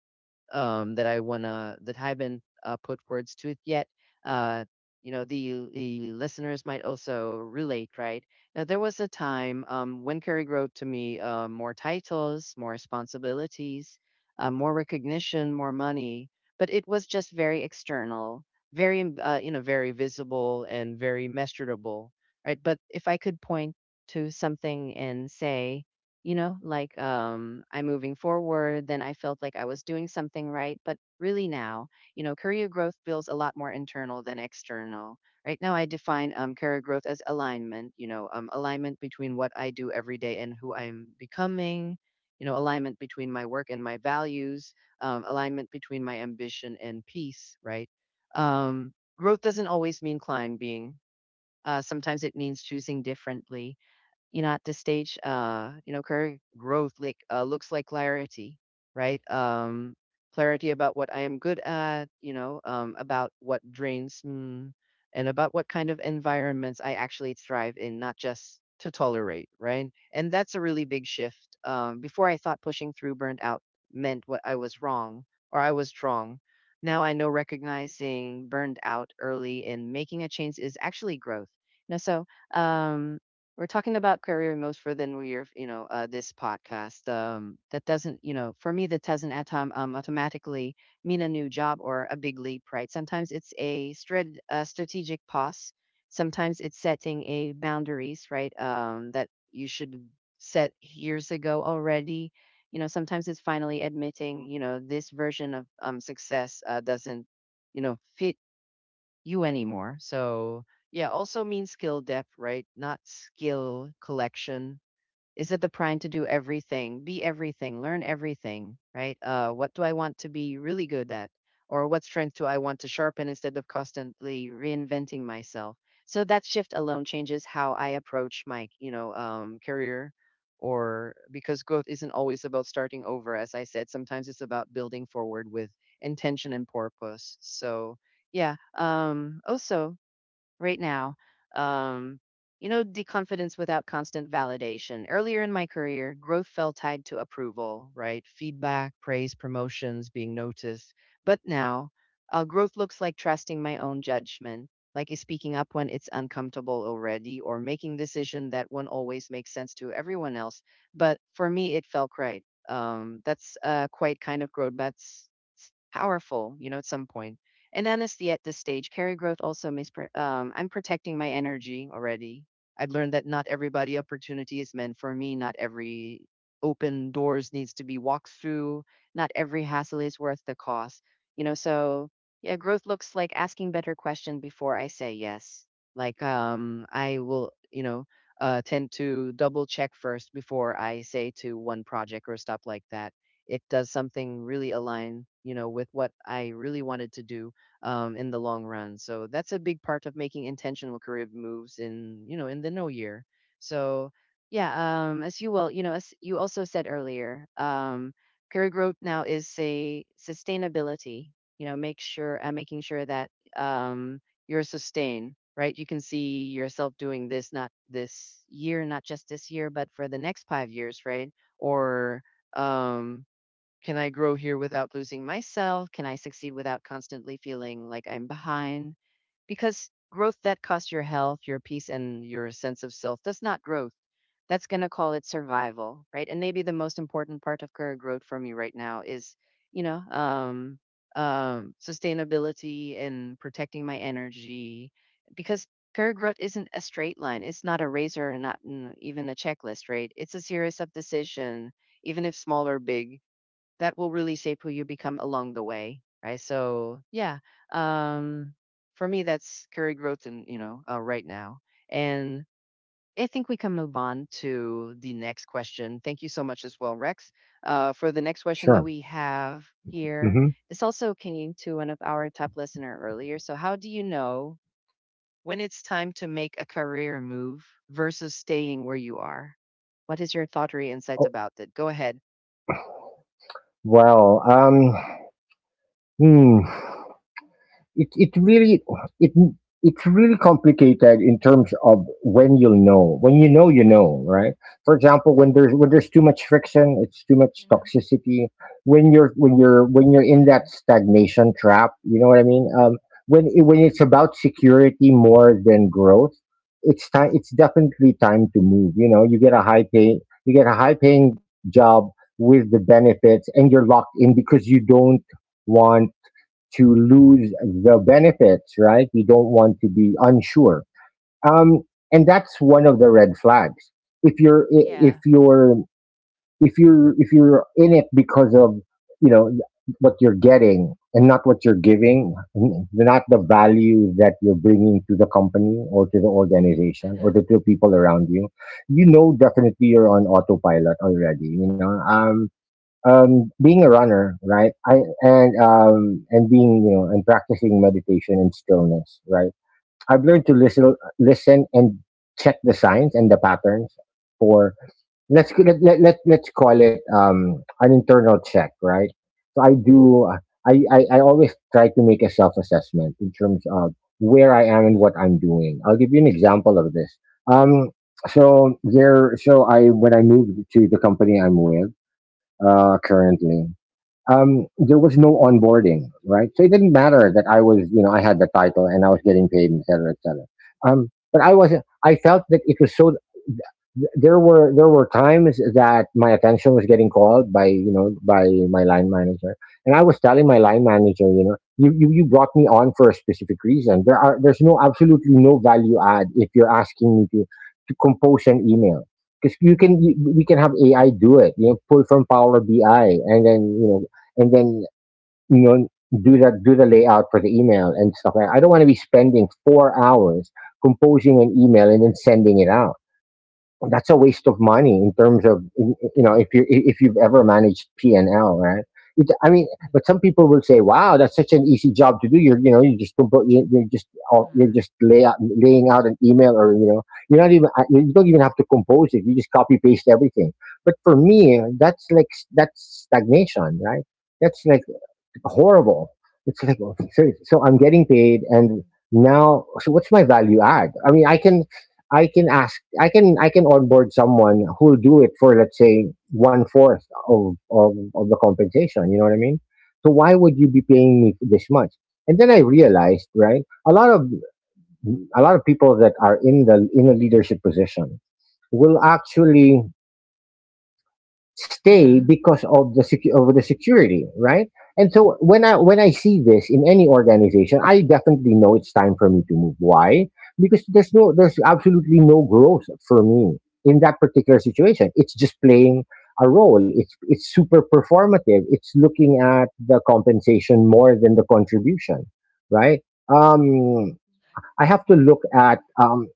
A: um, that I wanna that I haven't uh, put words to it yet. Uh, you know, the the listeners might also relate, right? Now, there was a time um, when Kerry wrote to me uh, more titles, more responsibilities, uh, more recognition, more money, but it was just very external, very um, uh, you know, very visible and very measurable, right? But if I could point to something and say you know like um I'm moving forward, then I felt like I was doing something right. But really now, you know, career growth feels a lot more internal than external. Right now I define um, career growth as alignment. You know, um, alignment between what I do every day and who I'm becoming, you know, alignment between my work and my values, um, alignment between my ambition and peace, right? um, Growth doesn't always mean climbing. Uh, sometimes it means choosing differently. You know, at this stage, uh, you know, career growth like uh, looks like clarity, right? Um, clarity about what I am good at, you know, um, about what drains me, and about what kind of environments I actually thrive in, not just to tolerate, right? And that's a really big shift. Um, before I thought pushing through burnt out meant what I was wrong, or I was wrong. Now I know recognizing burned out early and making a change is actually growth. You know, so um, we're talking about career moves for the new year, you know, uh, this podcast. Um, that doesn't, you know, for me, that doesn't at time, um, automatically mean a new job or a big leap, right? Sometimes it's a strat uh, strategic pause. Sometimes it's setting a boundaries, right? Um, that you should set years ago already. You know, sometimes it's finally admitting, you know, this version of um, success uh, doesn't, you know, fit you anymore. So yeah, also means skill depth, right? Not skill collection. Is it the prime to do everything, be everything, learn everything, right? Uh, what do I want to be really good at? Or what strength do I want to sharpen instead of constantly reinventing myself? So that shift alone changes how I approach my, you know, um, career or because growth isn't always about starting over. As I said, sometimes it's about building forward with intention and purpose. So yeah. Um, also, right now. Um, you know, the confidence without constant validation. Earlier in my career, growth felt tied to approval, right? Feedback, praise, promotions, being noticed. But now, uh, growth looks like trusting my own judgment, like is speaking up when it's uncomfortable already, or making decision that won't always make sense to everyone else. But for me, it felt right. Um, that's uh, quite kind of growth. That's It's powerful, you know, at some point. And honestly, at this stage, career growth also means pr- um, I'm protecting my energy already. I've learned that not everybody opportunity is meant for me. Not every open doors needs to be walked through. Not every hassle is worth the cost. You know, so yeah, growth looks like asking better questions before I say yes. Like um, I will, you know, uh, tend to double check first before I say to one project or stuff like that. It does something really align, you know, with what I really wanted to do um, in the long run. So that's a big part of making intentional career moves in, you know, in the no year. So yeah, um, as you well you know as you also said earlier, um, career growth now is a sustainability. You know, make sure uh, making sure that um, you're sustained. Right, you can see yourself doing this not this year, not just this year, but for the next five years, right? Or um, can I grow here without losing myself? Can I succeed without constantly feeling like I'm behind? Because growth that costs your health, your peace, and your sense of self, that's not growth. That's going to call it survival, right? And maybe the most important part of career growth for me right now is, you know, um, um, sustainability and protecting my energy because career growth isn't a straight line. It's not a razor and not mm, even a checklist, right? It's a series of decision, even if small or big, that will really shape who you become along the way, right? So yeah um for me, that's career growth. And you know, uh, right now. And I think we can move on to the next question. Thank you so much as well, Rex, uh, for the next question that
B: Sure.
A: we have here.
B: Mm-hmm.
A: This also came to one of our top listener earlier. So how do you know when it's time to make a career move versus staying where you are? What is your thought or insights
B: Oh,
A: about that? Go ahead.
B: well. Um. Hmm. it it really it it's really complicated in terms of when you'll know. When you know, you know, right? For example, when there's when there's too much friction, it's too much
A: Mm-hmm.
B: toxicity. When you're when you're when you're in
A: Mm-hmm.
B: that stagnation trap, you know what I mean? Um, when it, when it's
A: Mm-hmm.
B: about security more than growth, it's time. It's definitely time to move. You know, you get a high pay, you get a high paying job with the benefits, and you're locked in because you don't want to lose the benefits, right? You don't want to be unsure. Um, and that's one of the red flags. If you're, I- if
A: Yeah.
B: you're, if you're, if you're in it because of, you know, what you're getting and not what you're giving, n- not the value that you're bringing to the company or to the organization or
A: Uh-huh.
B: to the people around you, you know, definitely you're on autopilot already, you know, um, um, being a runner, right? I and um, and being, you know, and practicing meditation and stillness, right? I've learned to listen, listen and check the signs and the patterns for, let's let, let, let let's call it, um, an internal check, right? So I do. I, I I always try to make a self assessment in terms of where I am and
A: Oh,
B: what I'm doing. I'll give you an example of this. Um, so there. So I when I moved to the company I'm with uh, currently, um, there was no onboarding, right? So it didn't matter that I was, you know, I had the title and I was getting paid, et cetera, et cetera. Um, but I wasn't. I felt that it was so. th- There were there were times that my attention was getting called by, you know, by my line manager, and I was telling my
A: yeah.
B: line manager, you know, you, you, you brought me on for a specific reason. There are there's no absolutely no value add if you're asking me to to compose an email because you can you, we can have A I do it. You know, pull from Power B I and then, you know, and then, you know, do that do the layout for the email and stuff. Like, I don't want to be spending four hours composing an email and then sending it out. That's a waste of money in terms of in- you know, if
A: Mm-hmm.
B: you, if you've ever managed P and L, right? It, I mean, but some people will say, "Wow, that's such an easy job to do. You're, you know, you just compo- you- you're just out- you're
A: Mm-hmm.
B: just lay out, laying out an email, or, you know, you're not even I- you don't even have to compose it. You just copy paste everything." But for me, that's like s- that's stagnation, right? That's like horrible. It's like, oh, so, so I'm getting paid, and
A: Mm-hmm.
B: now, so what's my value add? I mean, I can, I can ask I can I can onboard someone who'll do it for, let's say, one fourth of, of of the compensation. You know what I mean? So why would you be paying me this much? And then I realized, right? A lot of a lot of people that are in the in a leadership position will actually stay
A: Mm-hmm.
B: because of the secu- of the security, right? And so when I when I see this in any organization, I definitely know it's time for me to move. Why? Because there's no there's absolutely no growth for me in that particular situation. It's just playing a role. It's it's super performative. It's looking at the compensation more than the contribution, right? Um, I have to look at um,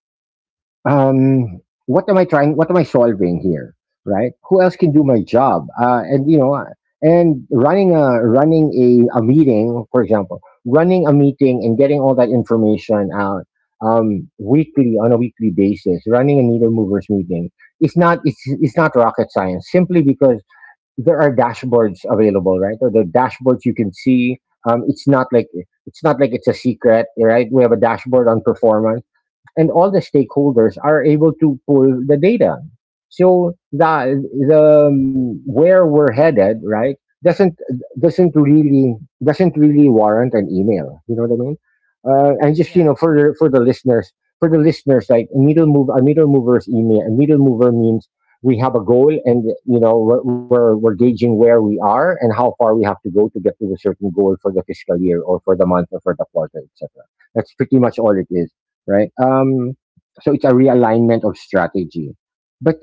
B: um, what am I trying? What am I solving here? Right? Who else can do my job? Uh, and, you know, and running a running a, a meeting, for example, running a meeting and getting all that information out um, weekly on a weekly basis, running a needle movers meeting. It's not, it's it's not rocket science. Simply because there are dashboards available, right? Or the dashboards you can see. Um, it's not like it's not like it's a secret, right? We have a dashboard on performance, and all the stakeholders are able to pull the data. So the the um, where we're headed, right, doesn't doesn't really doesn't really warrant an email. You know what I mean? Uh, and just, you
A: Yeah.
B: know, for the, for the listeners, for the listeners, like needle move a needle mover's email. A needle mover means we have a goal, and, you know, we're, we're we're gauging where we are and how far we have to go to get to the certain goal for the fiscal year or for the month or for the quarter, et cetera. That's pretty much all it is, right? Um, so it's a realignment of strategy, but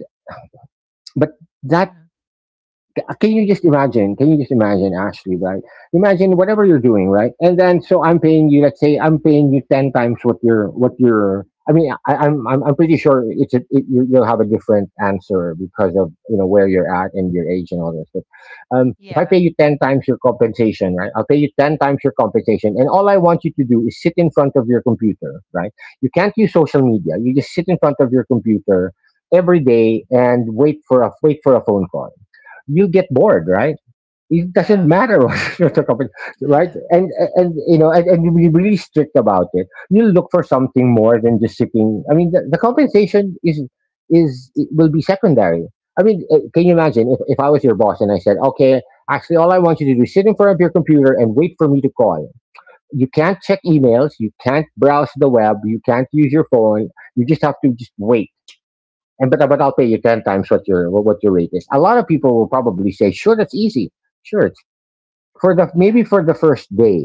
B: but that
A: Mm-hmm.
B: uh, can you just imagine? Can you just imagine, Ashley? Right? Imagine whatever you're doing, right? And then, so I'm paying you. Let's say I'm paying you ten times what you're what you're. I mean, I, I'm I'm I'm pretty sure it's a, it, you- you'll have a different answer because of, you know, where you're at and your age and all this. But, um, if I pay
A: Yeah.
B: you ten times your compensation, right? I'll pay you ten times your compensation, and all I want you to do is sit in front of your computer, right? You can't use social media. You just sit in front of your computer every day and wait for a wait for a phone call. You get bored, right? It doesn't
A: Yeah.
B: matter what you're talking about, right?
A: Uh-huh.
B: And and you know, and, and you be really strict about it. You look for something more than just sitting. I mean, the, the compensation is is it will be secondary. I mean, uh, can you imagine if, if I was your boss and I said, okay, actually, all I want you to do is sit in front of your computer and wait for me to call. You can't check emails, you can't browse the web, you can't use your phone. You just have to just wait, and but but I'll pay you ten times what your what what your rate is. A lot of people will probably say, sure, that's easy. Sure, it's for the maybe
A: Yeah.
B: for the first day,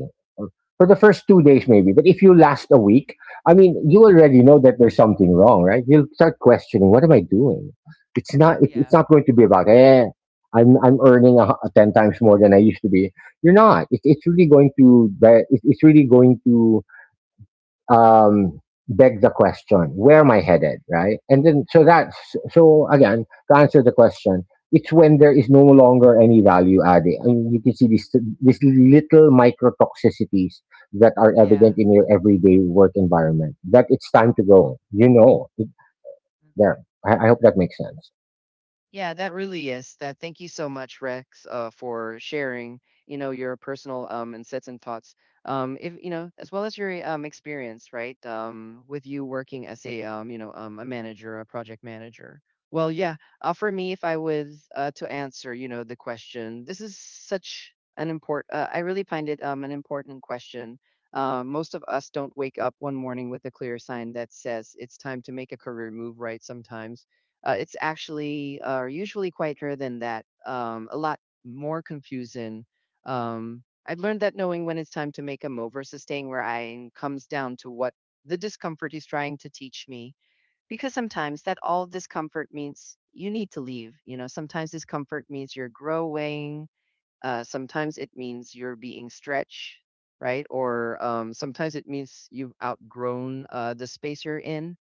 B: for the first two days maybe. But if you last a week, I mean, you already know that there's something wrong, right? You'll start questioning, what am I doing? It's not, it,
A: Yeah.
B: it's not going to be about, eh, I'm, I'm earning a, hu- ten times more than I used to be. You're not. It, it's really going to di- it, it's really going to, um, beg the question, where am I headed, right? And then, so that's, so again, to answer the question, it's when there is no longer any value added. And you can see these, these little microtoxicities that are
A: Yeah.
B: evident in your everyday work environment, that it's time to go. You know, it, there. I, I hope that makes sense.
A: Yeah, that really is that. Thank you so much, Rex, uh, for sharing, you know, your personal um insights and thoughts. Um, if you know, as well as your um experience, right? Um, with you working as a um, you know, um, a manager, a project manager. Well, yeah. Uh, for me, if I was uh, to answer, you know, the question, this is such an import. Uh, I really find it um an important question. Uh, most of us don't wake up one morning with a clear sign that says it's time to make a career move, right? Sometimes uh, it's actually uh, usually quieter than that, um, a lot more confusing. Um, I've learned that knowing when it's time to make a move versus staying where I am comes down to what the discomfort is trying to teach me. Because sometimes that all discomfort means you need to leave. You know, sometimes discomfort means you're growing. Uh, sometimes it means you're being stretched, right? Or um, sometimes it means you've outgrown uh, the space you're in.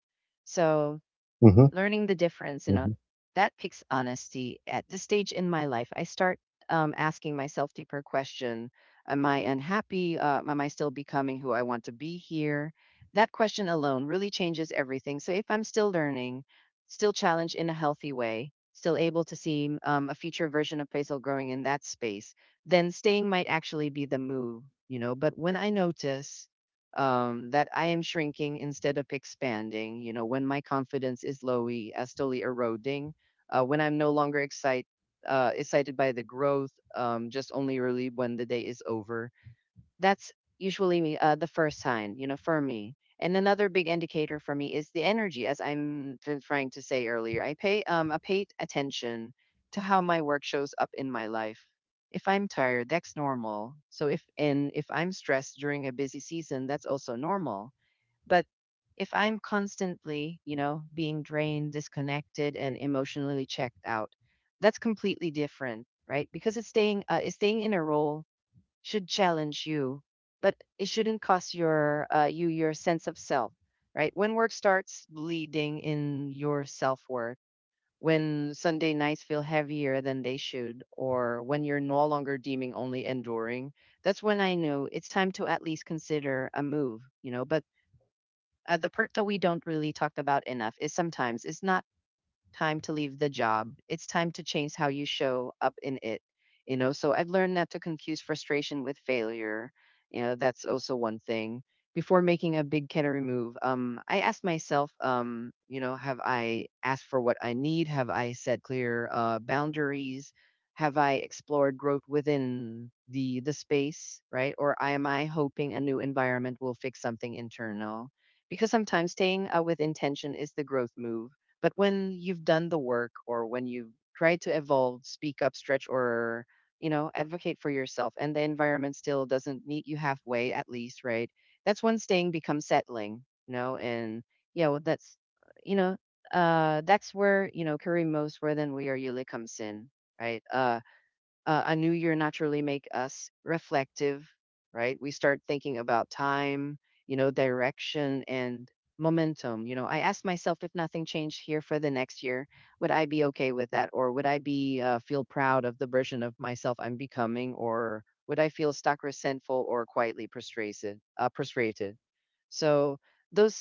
A: So
B: Hmm.
A: learning the difference, you know,
B: Hmm.
A: that picks honesty. At this stage in my life, I start um, asking myself deeper question. Am I unhappy? Uh, am I still becoming who I want to be here? That question alone really changes everything. So if I'm still learning, still challenged in a healthy way, still able to see um, a future version of Faisal growing in that space, then staying might actually be the move, you know. But when I notice um, that I am shrinking instead of expanding. You know, when my confidence is lowy, uh, slowly eroding, uh, when I'm no longer excited, uh, excited by the growth, um, just only relieved when the day is over, that's usually me, uh, the first sign, you know, for me. And another big indicator for me is the energy, as I'm t- trying to say earlier. I pay um I paid attention to how my work shows up in my life. If I'm tired, that's normal. So if and if I'm stressed during a busy season, that's also normal. But if I'm constantly, you know, being drained, disconnected, and emotionally checked out, that's completely different, right? Because it's staying uh, it's staying in a role, should challenge you, but it shouldn't cost your uh, you your sense of self, right? When work starts bleeding in your self worth, when Sunday nights feel heavier than they should, or when you're no longer deeming only enduring, that's when I know it's time to at least consider a move, you know. But uh, the part that we don't really talk about enough is sometimes it's not time to leave the job. It's time to change how you show up in it. You know, so I've learned not to confuse frustration with failure. You know, that's also one thing. Before making a big category move, um, I asked myself, um, you know, have I asked for what I need? Have I set clear uh, boundaries? Have I explored growth within the the space, right? Or am I hoping a new environment will fix something internal? Because sometimes staying uh, with intention is the growth move. But when you've done the work, or when you've tried to evolve, speak up, stretch, or you know, advocate for yourself, and the environment still doesn't meet you halfway, at least, right? That's when staying becomes settling, you know. And yeah, well, that's, you know, uh, that's where you know Kareem most where then we are Yuli comes in, right? Uh, uh, a new year naturally make us reflective, right? We start thinking about time, you know, direction and momentum. You know, I asked myself, if nothing changed here for the next year, would I be okay with that, or would I be uh, feel proud of the version of myself I'm becoming, or would I feel stuck, resentful, or quietly frustrated? Uh, frustrated. So those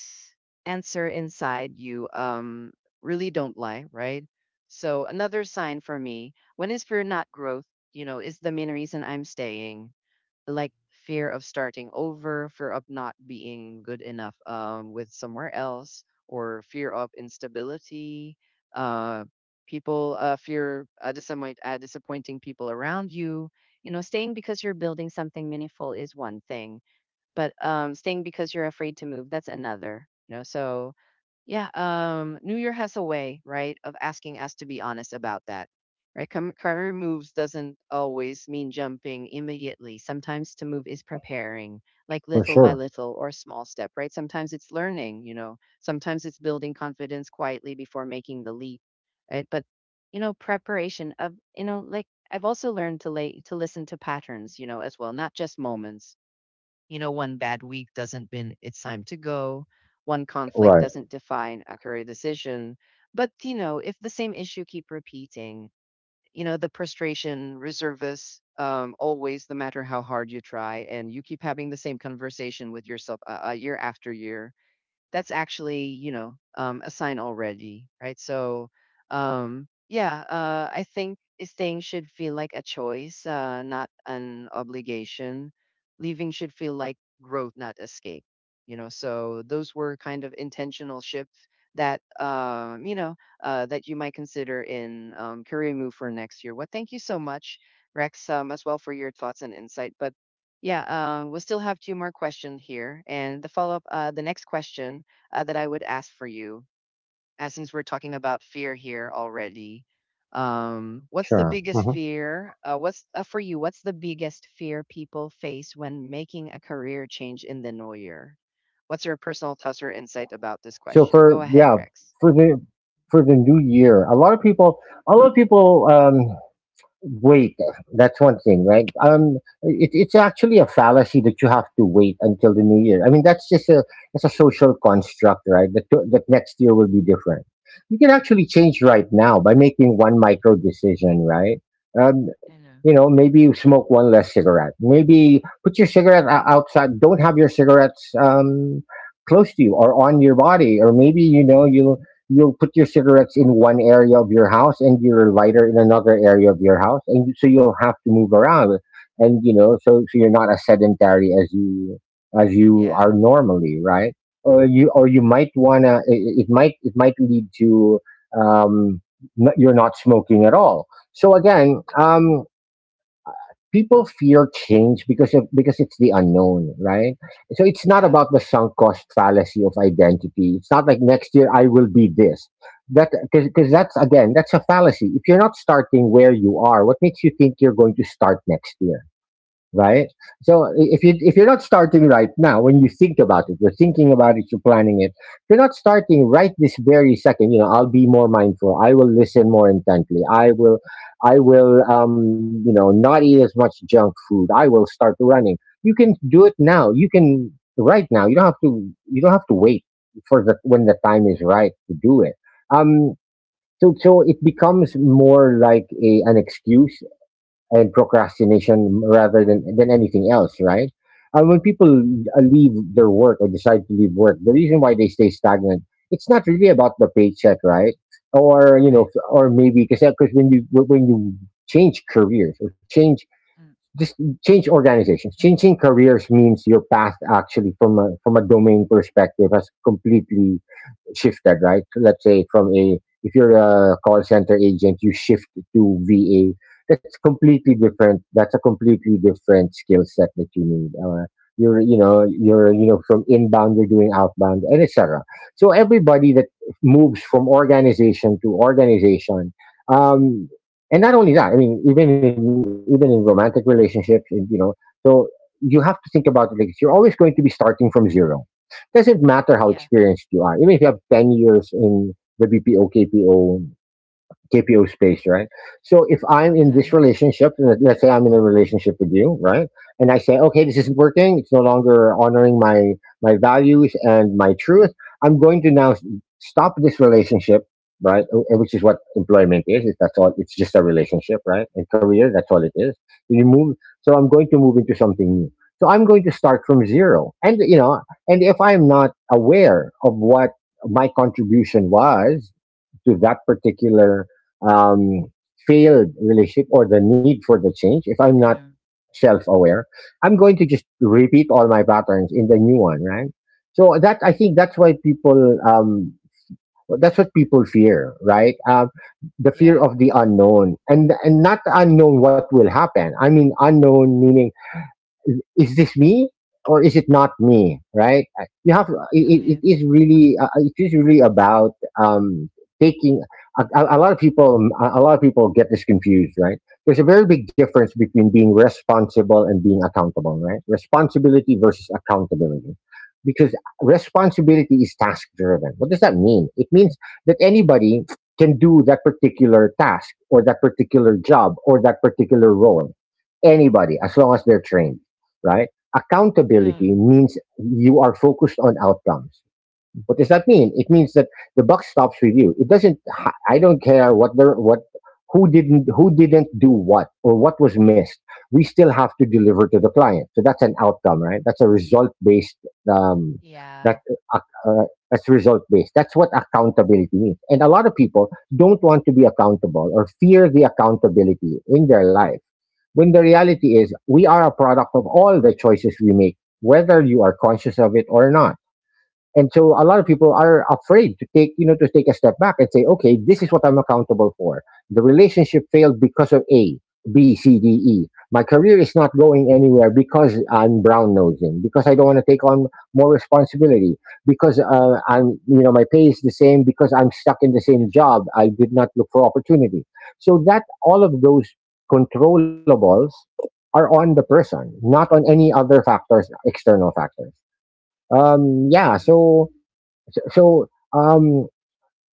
A: answer inside you um, really don't lie, right? So another sign for me, when is fear not growth? You know, is the main reason I'm staying. Like fear of starting over, fear of not being good enough um, with somewhere else, or fear of instability. Uh, people uh, fear uh, disappoint, uh, disappointing people around you. You know, staying because you're building something meaningful is one thing, but um, staying because you're afraid to move, that's another. You know, so yeah, um, New Year has a way, right, of asking us to be honest about that, right? Com- Career moves doesn't always mean jumping immediately. Sometimes to move is preparing, like
B: For
A: little by
B: sure.
A: little or small step, right? Sometimes it's learning, you know. Sometimes it's building confidence quietly before making the leap, right? But you know, preparation of you know, like I've also learned to lay to listen to patterns, you know, as well, not just moments. You know, one bad week doesn't mean it's time to go. One conflict
B: Right.
A: doesn't define a career decision. But, you know, if the same issue keep repeating, you know, the frustration, reservists, um, always, no matter how hard you try, and you keep having the same conversation with yourself uh, uh, year after year, that's actually you know um, a sign already, right? So um, yeah uh, I think staying should feel like a choice, uh, not an obligation. Leaving should feel like growth, not escape. You know, so those were kind of intentional shifts that um, you know uh, that you might consider in um, career move for next year. Well, thank you so much, Rex, um, as well for your thoughts and insight. But yeah, uh, we'll still have two more questions here. And the follow up, uh, the next question uh, that I would ask for you, uh, since we're talking about fear here already. Um, what's the
B: Sure.
A: biggest
B: Hmm.
A: fear? Uh, what's uh, for you? What's the biggest fear people face when making a career change in the new year? What's your personal thoughts or insight about this
B: So
A: question?
B: for,
A: Go
B: yeah,
A: ahead, Rex.
B: for the, for the new year, a lot of people, a lot of people um, wait. That's one thing, right? um it, it's actually a fallacy that you have to wait until the new year. I mean, that's just a that's a social construct, right? That that next year will be different. You can actually change right now by making one micro decision, right? um
A: I
B: you
A: know.
B: know, maybe you smoke one less cigarette. Maybe put your cigarette o- outside, don't have your cigarettes, um close to you or on your body. Or maybe, you know, you, you'll put your cigarettes in one area of your house and your lighter in another area of your house, and you- so you'll have to move around. And, you know, so, so you're not as sedentary as you as you
A: Yeah.
B: are normally, right? Or you, or you
A: Uh-huh.
B: might wanna, it, it might it might lead to, um n- you're not smoking at all. So again, um people fear change because of, because it's the unknown, right? So it's not
A: Yeah.
B: about the sunk cost fallacy of identity. It's not like, next year I will be this. That because that's, again, that's a fallacy. If you're not starting where you are, what makes you think you're going to start next year? Right? So if you, if you're not starting right now, when you think about it, you're thinking about it, you're planning it. If you're not starting right this very second, you know, I'll be more mindful. I will listen more intently. I will, I will, um, you know, not eat as much junk food. I will start running. You can do it now. You can right now. You don't have to. You don't have to wait for the when the time is right to do it. Um. So, so it becomes more like a an excuse and procrastination rather than than anything else, right? And when people uh, leave their work or decide to leave work, the reason
A: And
B: why they stay stagnant, it's not really about the paycheck, right? Or, you know,
A: right.
B: or maybe because because when you, when you change careers or change,
A: Mm.
B: just change organizations, changing careers means your path actually from a from a domain perspective has completely shifted, right? Let's say from a if you're a call center agent, you shift to V A. That's completely different. That's a completely different skill set that you need. Uh, you're, you know, you're, you know, from inbound you're doing outbound and et cetera. So everybody that moves from organization to organization, um, and not only that, I mean, even in even in romantic relationships, and, you know, so you have to think about it like this. You're always going to be starting from zero, doesn't matter how
A: Yeah.
B: experienced you are. Even if you have ten years in the B P O, K P O K P O space, right? So if I'm in
A: Uh-huh.
B: this relationship, let- let's say I'm in a relationship with you, right? And I say, okay, this isn't working. It's no longer honoring my my values and my truth. I'm going to now s- stop this relationship, right? Uh, uh, Which is what employment is. It's, that's all. It's just a relationship, right? And career, that's all it is. You move. So I'm going to move into something new. So I'm going to start from zero. And you know, and if I'm not aware of what my contribution was to that particular um, failed relationship or the need for the change, if I'm not
A: Uh-huh.
B: self aware, I'm going to just repeat all my patterns in the new one, right? So that I think that's why people um, that's what people fear, right? Um, the fear
A: Yeah.
B: of the unknown, and and not the unknown what will happen. I mean, unknown meaning is this me or is it not me, right? I- you have it,
A: I
B: it
A: mean.
B: it is really uh, it is really about um taking a, a a lot of people a lot of people get this confused, right? There's a very big difference between being responsible and being accountable, right? Responsibility versus accountability, because responsibility is task driven. What does that mean? It means that anybody can do that particular task or that particular job or that particular role, anybody, as long as they're trained, right? Accountability
A: Um.
B: means you are focused on outcomes. What does that mean? It means that the buck stops with you. It doesn't. I don't care what the what who didn't who didn't do what or what was missed. We still have to deliver to the client. So that's an outcome, right? That's a result based. Um,
A: Yeah.
B: that uh, uh, that's result based. That's what accountability means. And a lot of people don't want to be accountable or fear the accountability in their life. When the reality is, we are a product of all the choices we make, whether you are conscious of it or not, and so a lot of people are afraid to take, you know, to take a step back and say, okay, this is what I'm accountable for. The relationship failed because of a, b, c, d, e. My career is not going anywhere because I'm brown nosing, because I don't want to take on more responsibility, because uh, I'm, you know, my pay is the same because I'm stuck in the same
A: It's your.
B: job. I did not look for opportunity. So that all of those controllables are on the person, not on any other factors, external factors. Um yeah,
A: mm
B: so so, so um,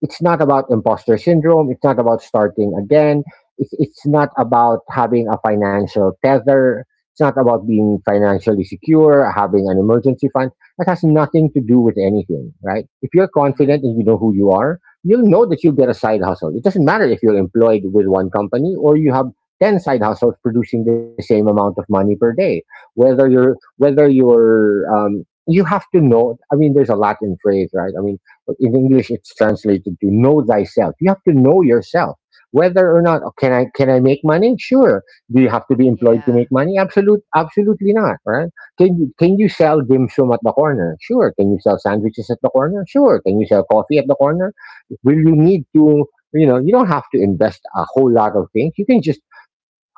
B: it's not about
A: Uh,
B: imposter syndrome. It's not about starting again. It's, it's not about having a financial tether. It's not about being financially secure, having an emergency fund. That has nothing to do with anything, right? If you're confident
A: mm.
B: and you know who you are, you'll know that you'll get a side hustle. It doesn't matter if you're employed with one company or you have ten side hustles producing the same amount of money per day. Whether you're, whether you're, um, you have to know. I mean, there's a Latin phrase, right? I mean, but in English, it's translated to know thyself. You have to know yourself. Whether or not, oh, can I can I make money? Sure. Do you have to be employed to
A: Yeah.
B: make money? Absolute, absolutely not, right? Can you can you sell dim sum at the corner? Sure. Can you sell sandwiches at the corner? Sure. Can you sell coffee at the corner? Will you need to? You know, you don't have to invest a whole lot of things. You can just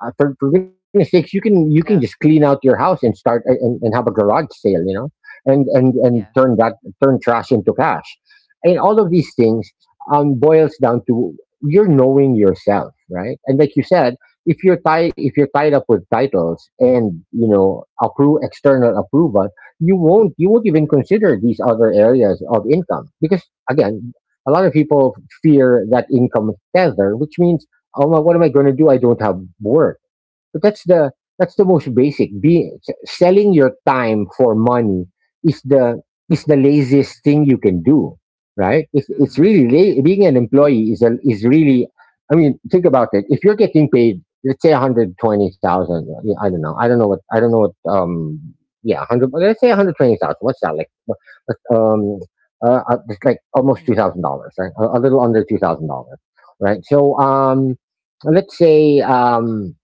B: uh, for, for goodness sakes, you can you can just
A: Yeah.
B: clean out your house and start a- and, and have a garage sale, you know, and and and
A: Yeah.
B: turn that turn trash into cash, and all of these things um boils down to you're knowing yourself, right? And like you said, if you're tied, if you're tied up with titles and you know approve external approval, you won't, you won't even consider these other areas of income, because again. A lot of people fear that income tether, which means, oh my, what am I going to do? I don't have work. But that's the, that's the most basic. Being, selling your time for money is the, is the laziest thing you can do, right? It's it's really la- being an employee is a, is really. I mean, think about it. If you're getting paid, let's say one hundred twenty thousand. Yeah, I don't know. I don't know what. I don't know what. Um, yeah, hundred. let's say one hundred twenty thousand. What's that like? what- what, Um, uh, uh, it's like almost two
A: too.
B: thousand dollars, right? A, a little under two thousand dollars, right? So, um, let's say, um,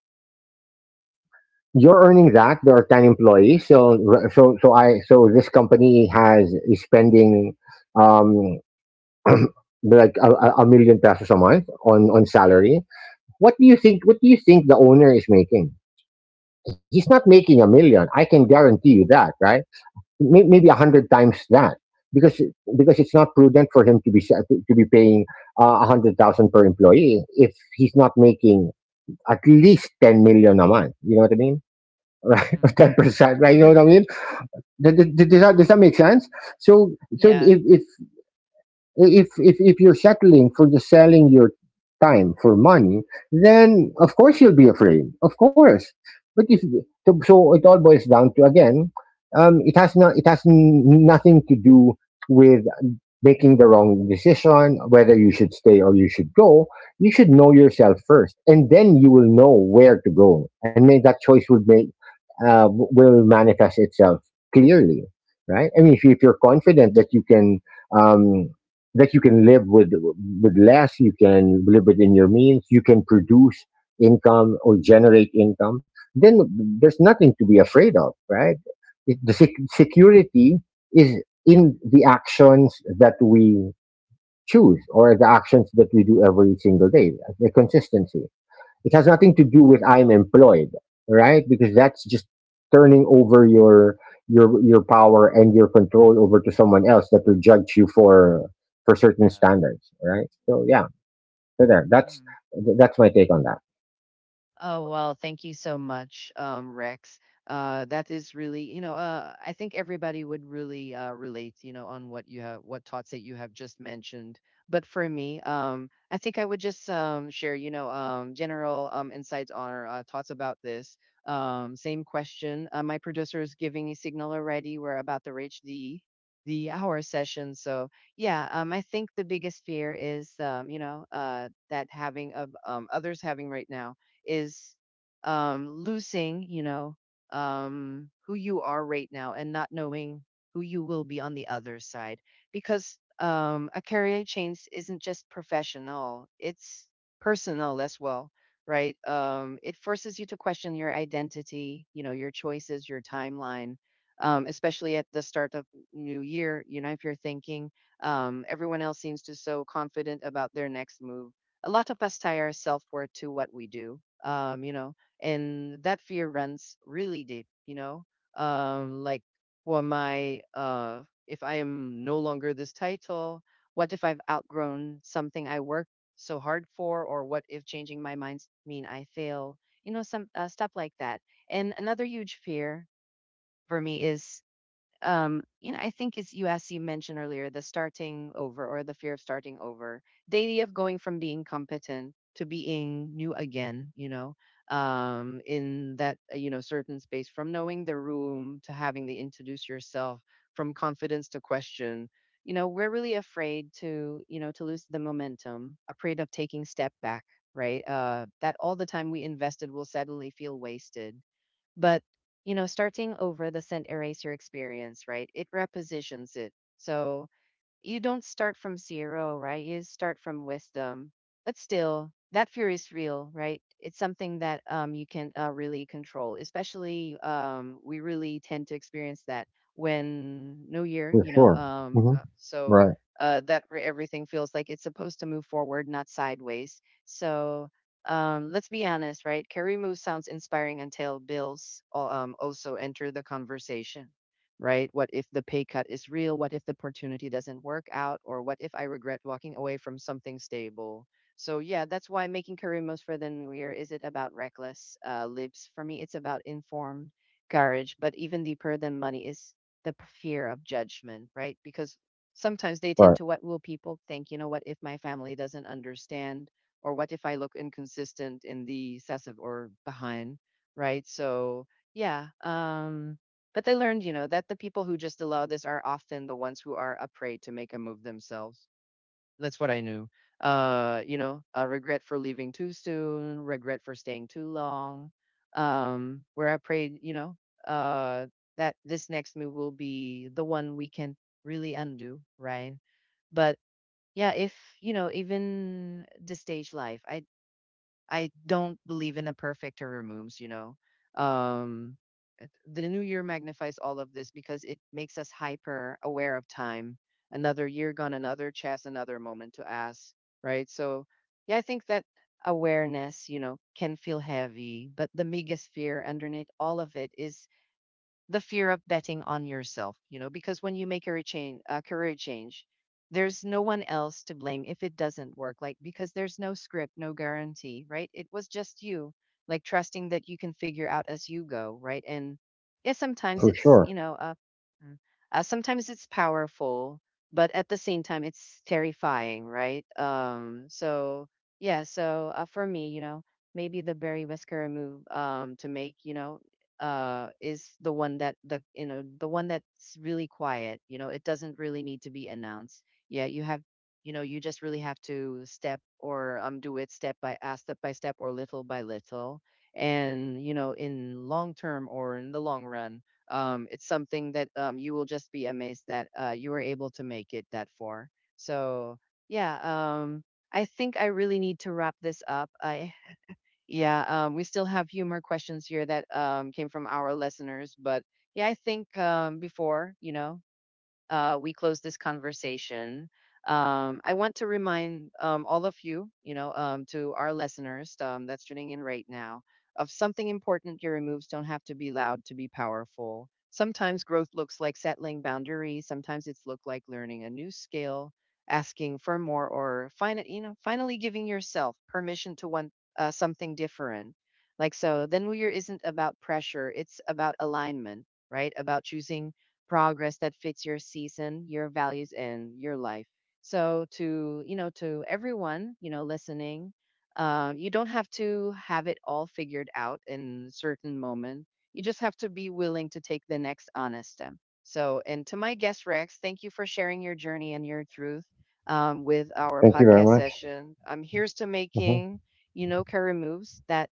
B: you're earning
A: Like,
B: that. There are ten employees, so r- so so i so this company has is spending um like a, a a million pesos a month on on
A: yeah,
B: salary. What do you think, what do you think the owner is making? He's not making a million, I can
A: yeah.
B: guarantee you that, right? May- maybe a hundred times that, because, because it's not prudent for him to be sa- to, to be paying uh, a hundred thousand per employee if he's not making at least ten million a month. You know what I mean? Right,
A: Um,
B: ten percent, right? You know what I mean? Does, does, does, that, does that make sense? So, so
A: yeah.
B: if, if if if if you're settling for just selling your time for money, then of course you'll be afraid. Of course, but if, so, so it all boils down to, again, um, it has not, it has n- nothing to do with making the wrong decision, whether you should stay or you should go. You should know yourself first, and then you will know where to go, and make that choice would make uh, w- will manifest itself clearly, right? I mean, if, you, if you're confident that you can. Um, that you can live with, with less. You can live within your means. You can produce income or generate income. Then there's nothing to be afraid of, right? it, the sec- security is in the actions that we choose or the actions that we do every single day, the consistency. It has nothing to do with I'm employed, right? Because that's just turning over your, your your power and your control over to someone else that will judge you for, for certain
A: Uh,
B: standards, right? So yeah, so there. That's
A: mm.
B: that's my take on that.
A: Oh, well, thank you so much, um, Rex. Uh, that is really, you know, uh, I think everybody would really uh, relate, you know, on what you have, what thoughts that you have just mentioned. But for me, um, I think I would just um, share, you know, um, general um, insights or uh, thoughts about this. Um, same question. Uh, my producer is giving me signal already. We're about to reach the the hour session. So yeah, um, I think the biggest fear is, um, you know, uh, that having of um, others having right now is um, losing, you know, um, who you are right now and not knowing who you will be on the other side. Because um, a career change isn't just professional, it's personal as well, right? Um, it forces you to question your identity, you know, your choices, your timeline. Um, especially at the start of new year, you know, if you're thinking um, everyone else seems to so confident about their next move, a lot of us tie our self-worth to what we do, um you know and that fear runs really deep, you know um like for my uh if I am no longer this title, what if I've outgrown something I worked so hard for, or what if changing my minds mean I fail, you know, some uh, stuff like that. And another huge fear for me is, um you know, I think as you as you mentioned earlier, the starting over or the fear of starting over, the idea of going from being competent to being new again, you know, um in that uh, you know, certain space from knowing the room to having to introduce yourself, from confidence to question. You know, we're really afraid to, you know, to lose the momentum, afraid of taking step back, right? Uh that all the time we invested will suddenly feel wasted. But, you know, starting over doesn't erase your experience, right? It repositions it. So you don't start from zero, right? You start from wisdom. But still, that fear is real, right? It's something that um, you can uh, really control, especially um, we really tend to experience that when New Year, you
B: For
A: know.
B: sure.
A: Um,
B: Hmm.
A: uh, So
B: Right.
A: uh, that where everything feels like it's supposed to move forward, not sideways. So um, let's be honest, right? Carry move sounds inspiring until bills uh, um, also enter the conversation, right? What if the pay cut is real? What if the opportunity doesn't work out? Or what if I regret walking away from something stable? So, yeah, that's why making career moves for the new year is it about reckless uh, lives? For me, it's about informed courage, but even deeper than money is the p- fear of judgment, right? Because sometimes they tend to
B: Right.
A: what will people think? You know, what if my family doesn't understand? Or what if I look inconsistent in the excessive or behind, right? So, yeah. Um, but I learned, you know, that the people who just allow this are often the ones who are afraid to make a move themselves. That's what I knew. Uh, you know, uh, regret for leaving too soon, regret for staying too long. Um, where I prayed, you know, uh, that this next move will be the one we can really undo, right? But yeah, if you know, even the stage life, I I don't believe in a perfect or removes, you know. Um, it- the new year magnifies all of this because it makes us hyper aware of time. Another year gone, another chance, another moment to ask, right? So, yeah, I think that awareness, you know, can feel heavy, but the biggest fear underneath all of it is the fear of betting on yourself, you know, because when you make a change, a career change, there's no one else to blame if it doesn't work. Like because there's no script, no guarantee, right? It was just you, like trusting that you can figure out as you go, right? And yeah, sometimes
B: For
A: it's you
B: sure.
A: know, uh, mm, uh sometimes it's powerful, but at the same time, it's terrifying, right? Um, so yeah, so uh, for me, you know, maybe the Barry Whisker move um to make, you know, uh is the one that the you know, the one that's really quiet, you know, it doesn't really need to be announced. Yeah, you have, you know, you just really have to step or um do it step by uh, step, by step or little by little. And you know, in long term or in the long run, um it's something that um you will just be amazed that uh you were able to make it that far. So yeah, um I think I really need to wrap this up. I yeah, um, we still have few more questions here that um, came from our listeners, but yeah, I think um, before, you know, uh, we close this conversation, um, I want to remind um, all of you, you know, um, to our listeners um, that's tuning in right now, of something important. Your moves don't have to be loud to be powerful. Sometimes growth looks like settling boundaries. Sometimes it's look like learning a new skill, asking for more, or fin- you know, finally giving yourself permission to want uh, something different. Like so, then we isn't about pressure. It's about alignment, right? About choosing progress that fits your season, your values, and your life. So, to you know, to everyone you know listening, uh, you don't have to have it all figured out in a certain moment. You just have to be willing to take the next honest step. So, and to my guest Rex, thank you for sharing your journey and your truth um, with our
B: Thank you
A: podcast
B: very much.
A: session. Um, here's to
B: Hmm.
A: making you know career moves that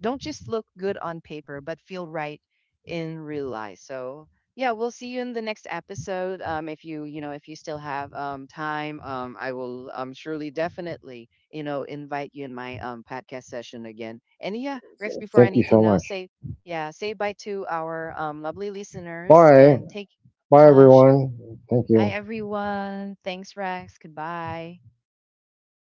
A: don't just look good on paper, but feel right in real life. So yeah, we'll see you in the next episode. Um, if you you know if you still have um, time, um, I will um, surely definitely you know invite you in my um, podcast session again. And yeah, Rex, before
B: Thank you
A: anything
B: so
A: else,
B: much.
A: say yeah, say bye to our um, lovely listeners
B: Bye.
A: and take.
B: Bye,
A: Uh,
B: everyone. Thank
A: Hi
B: you.
A: everyone. Thanks, Rex. Goodbye.
B: Bye.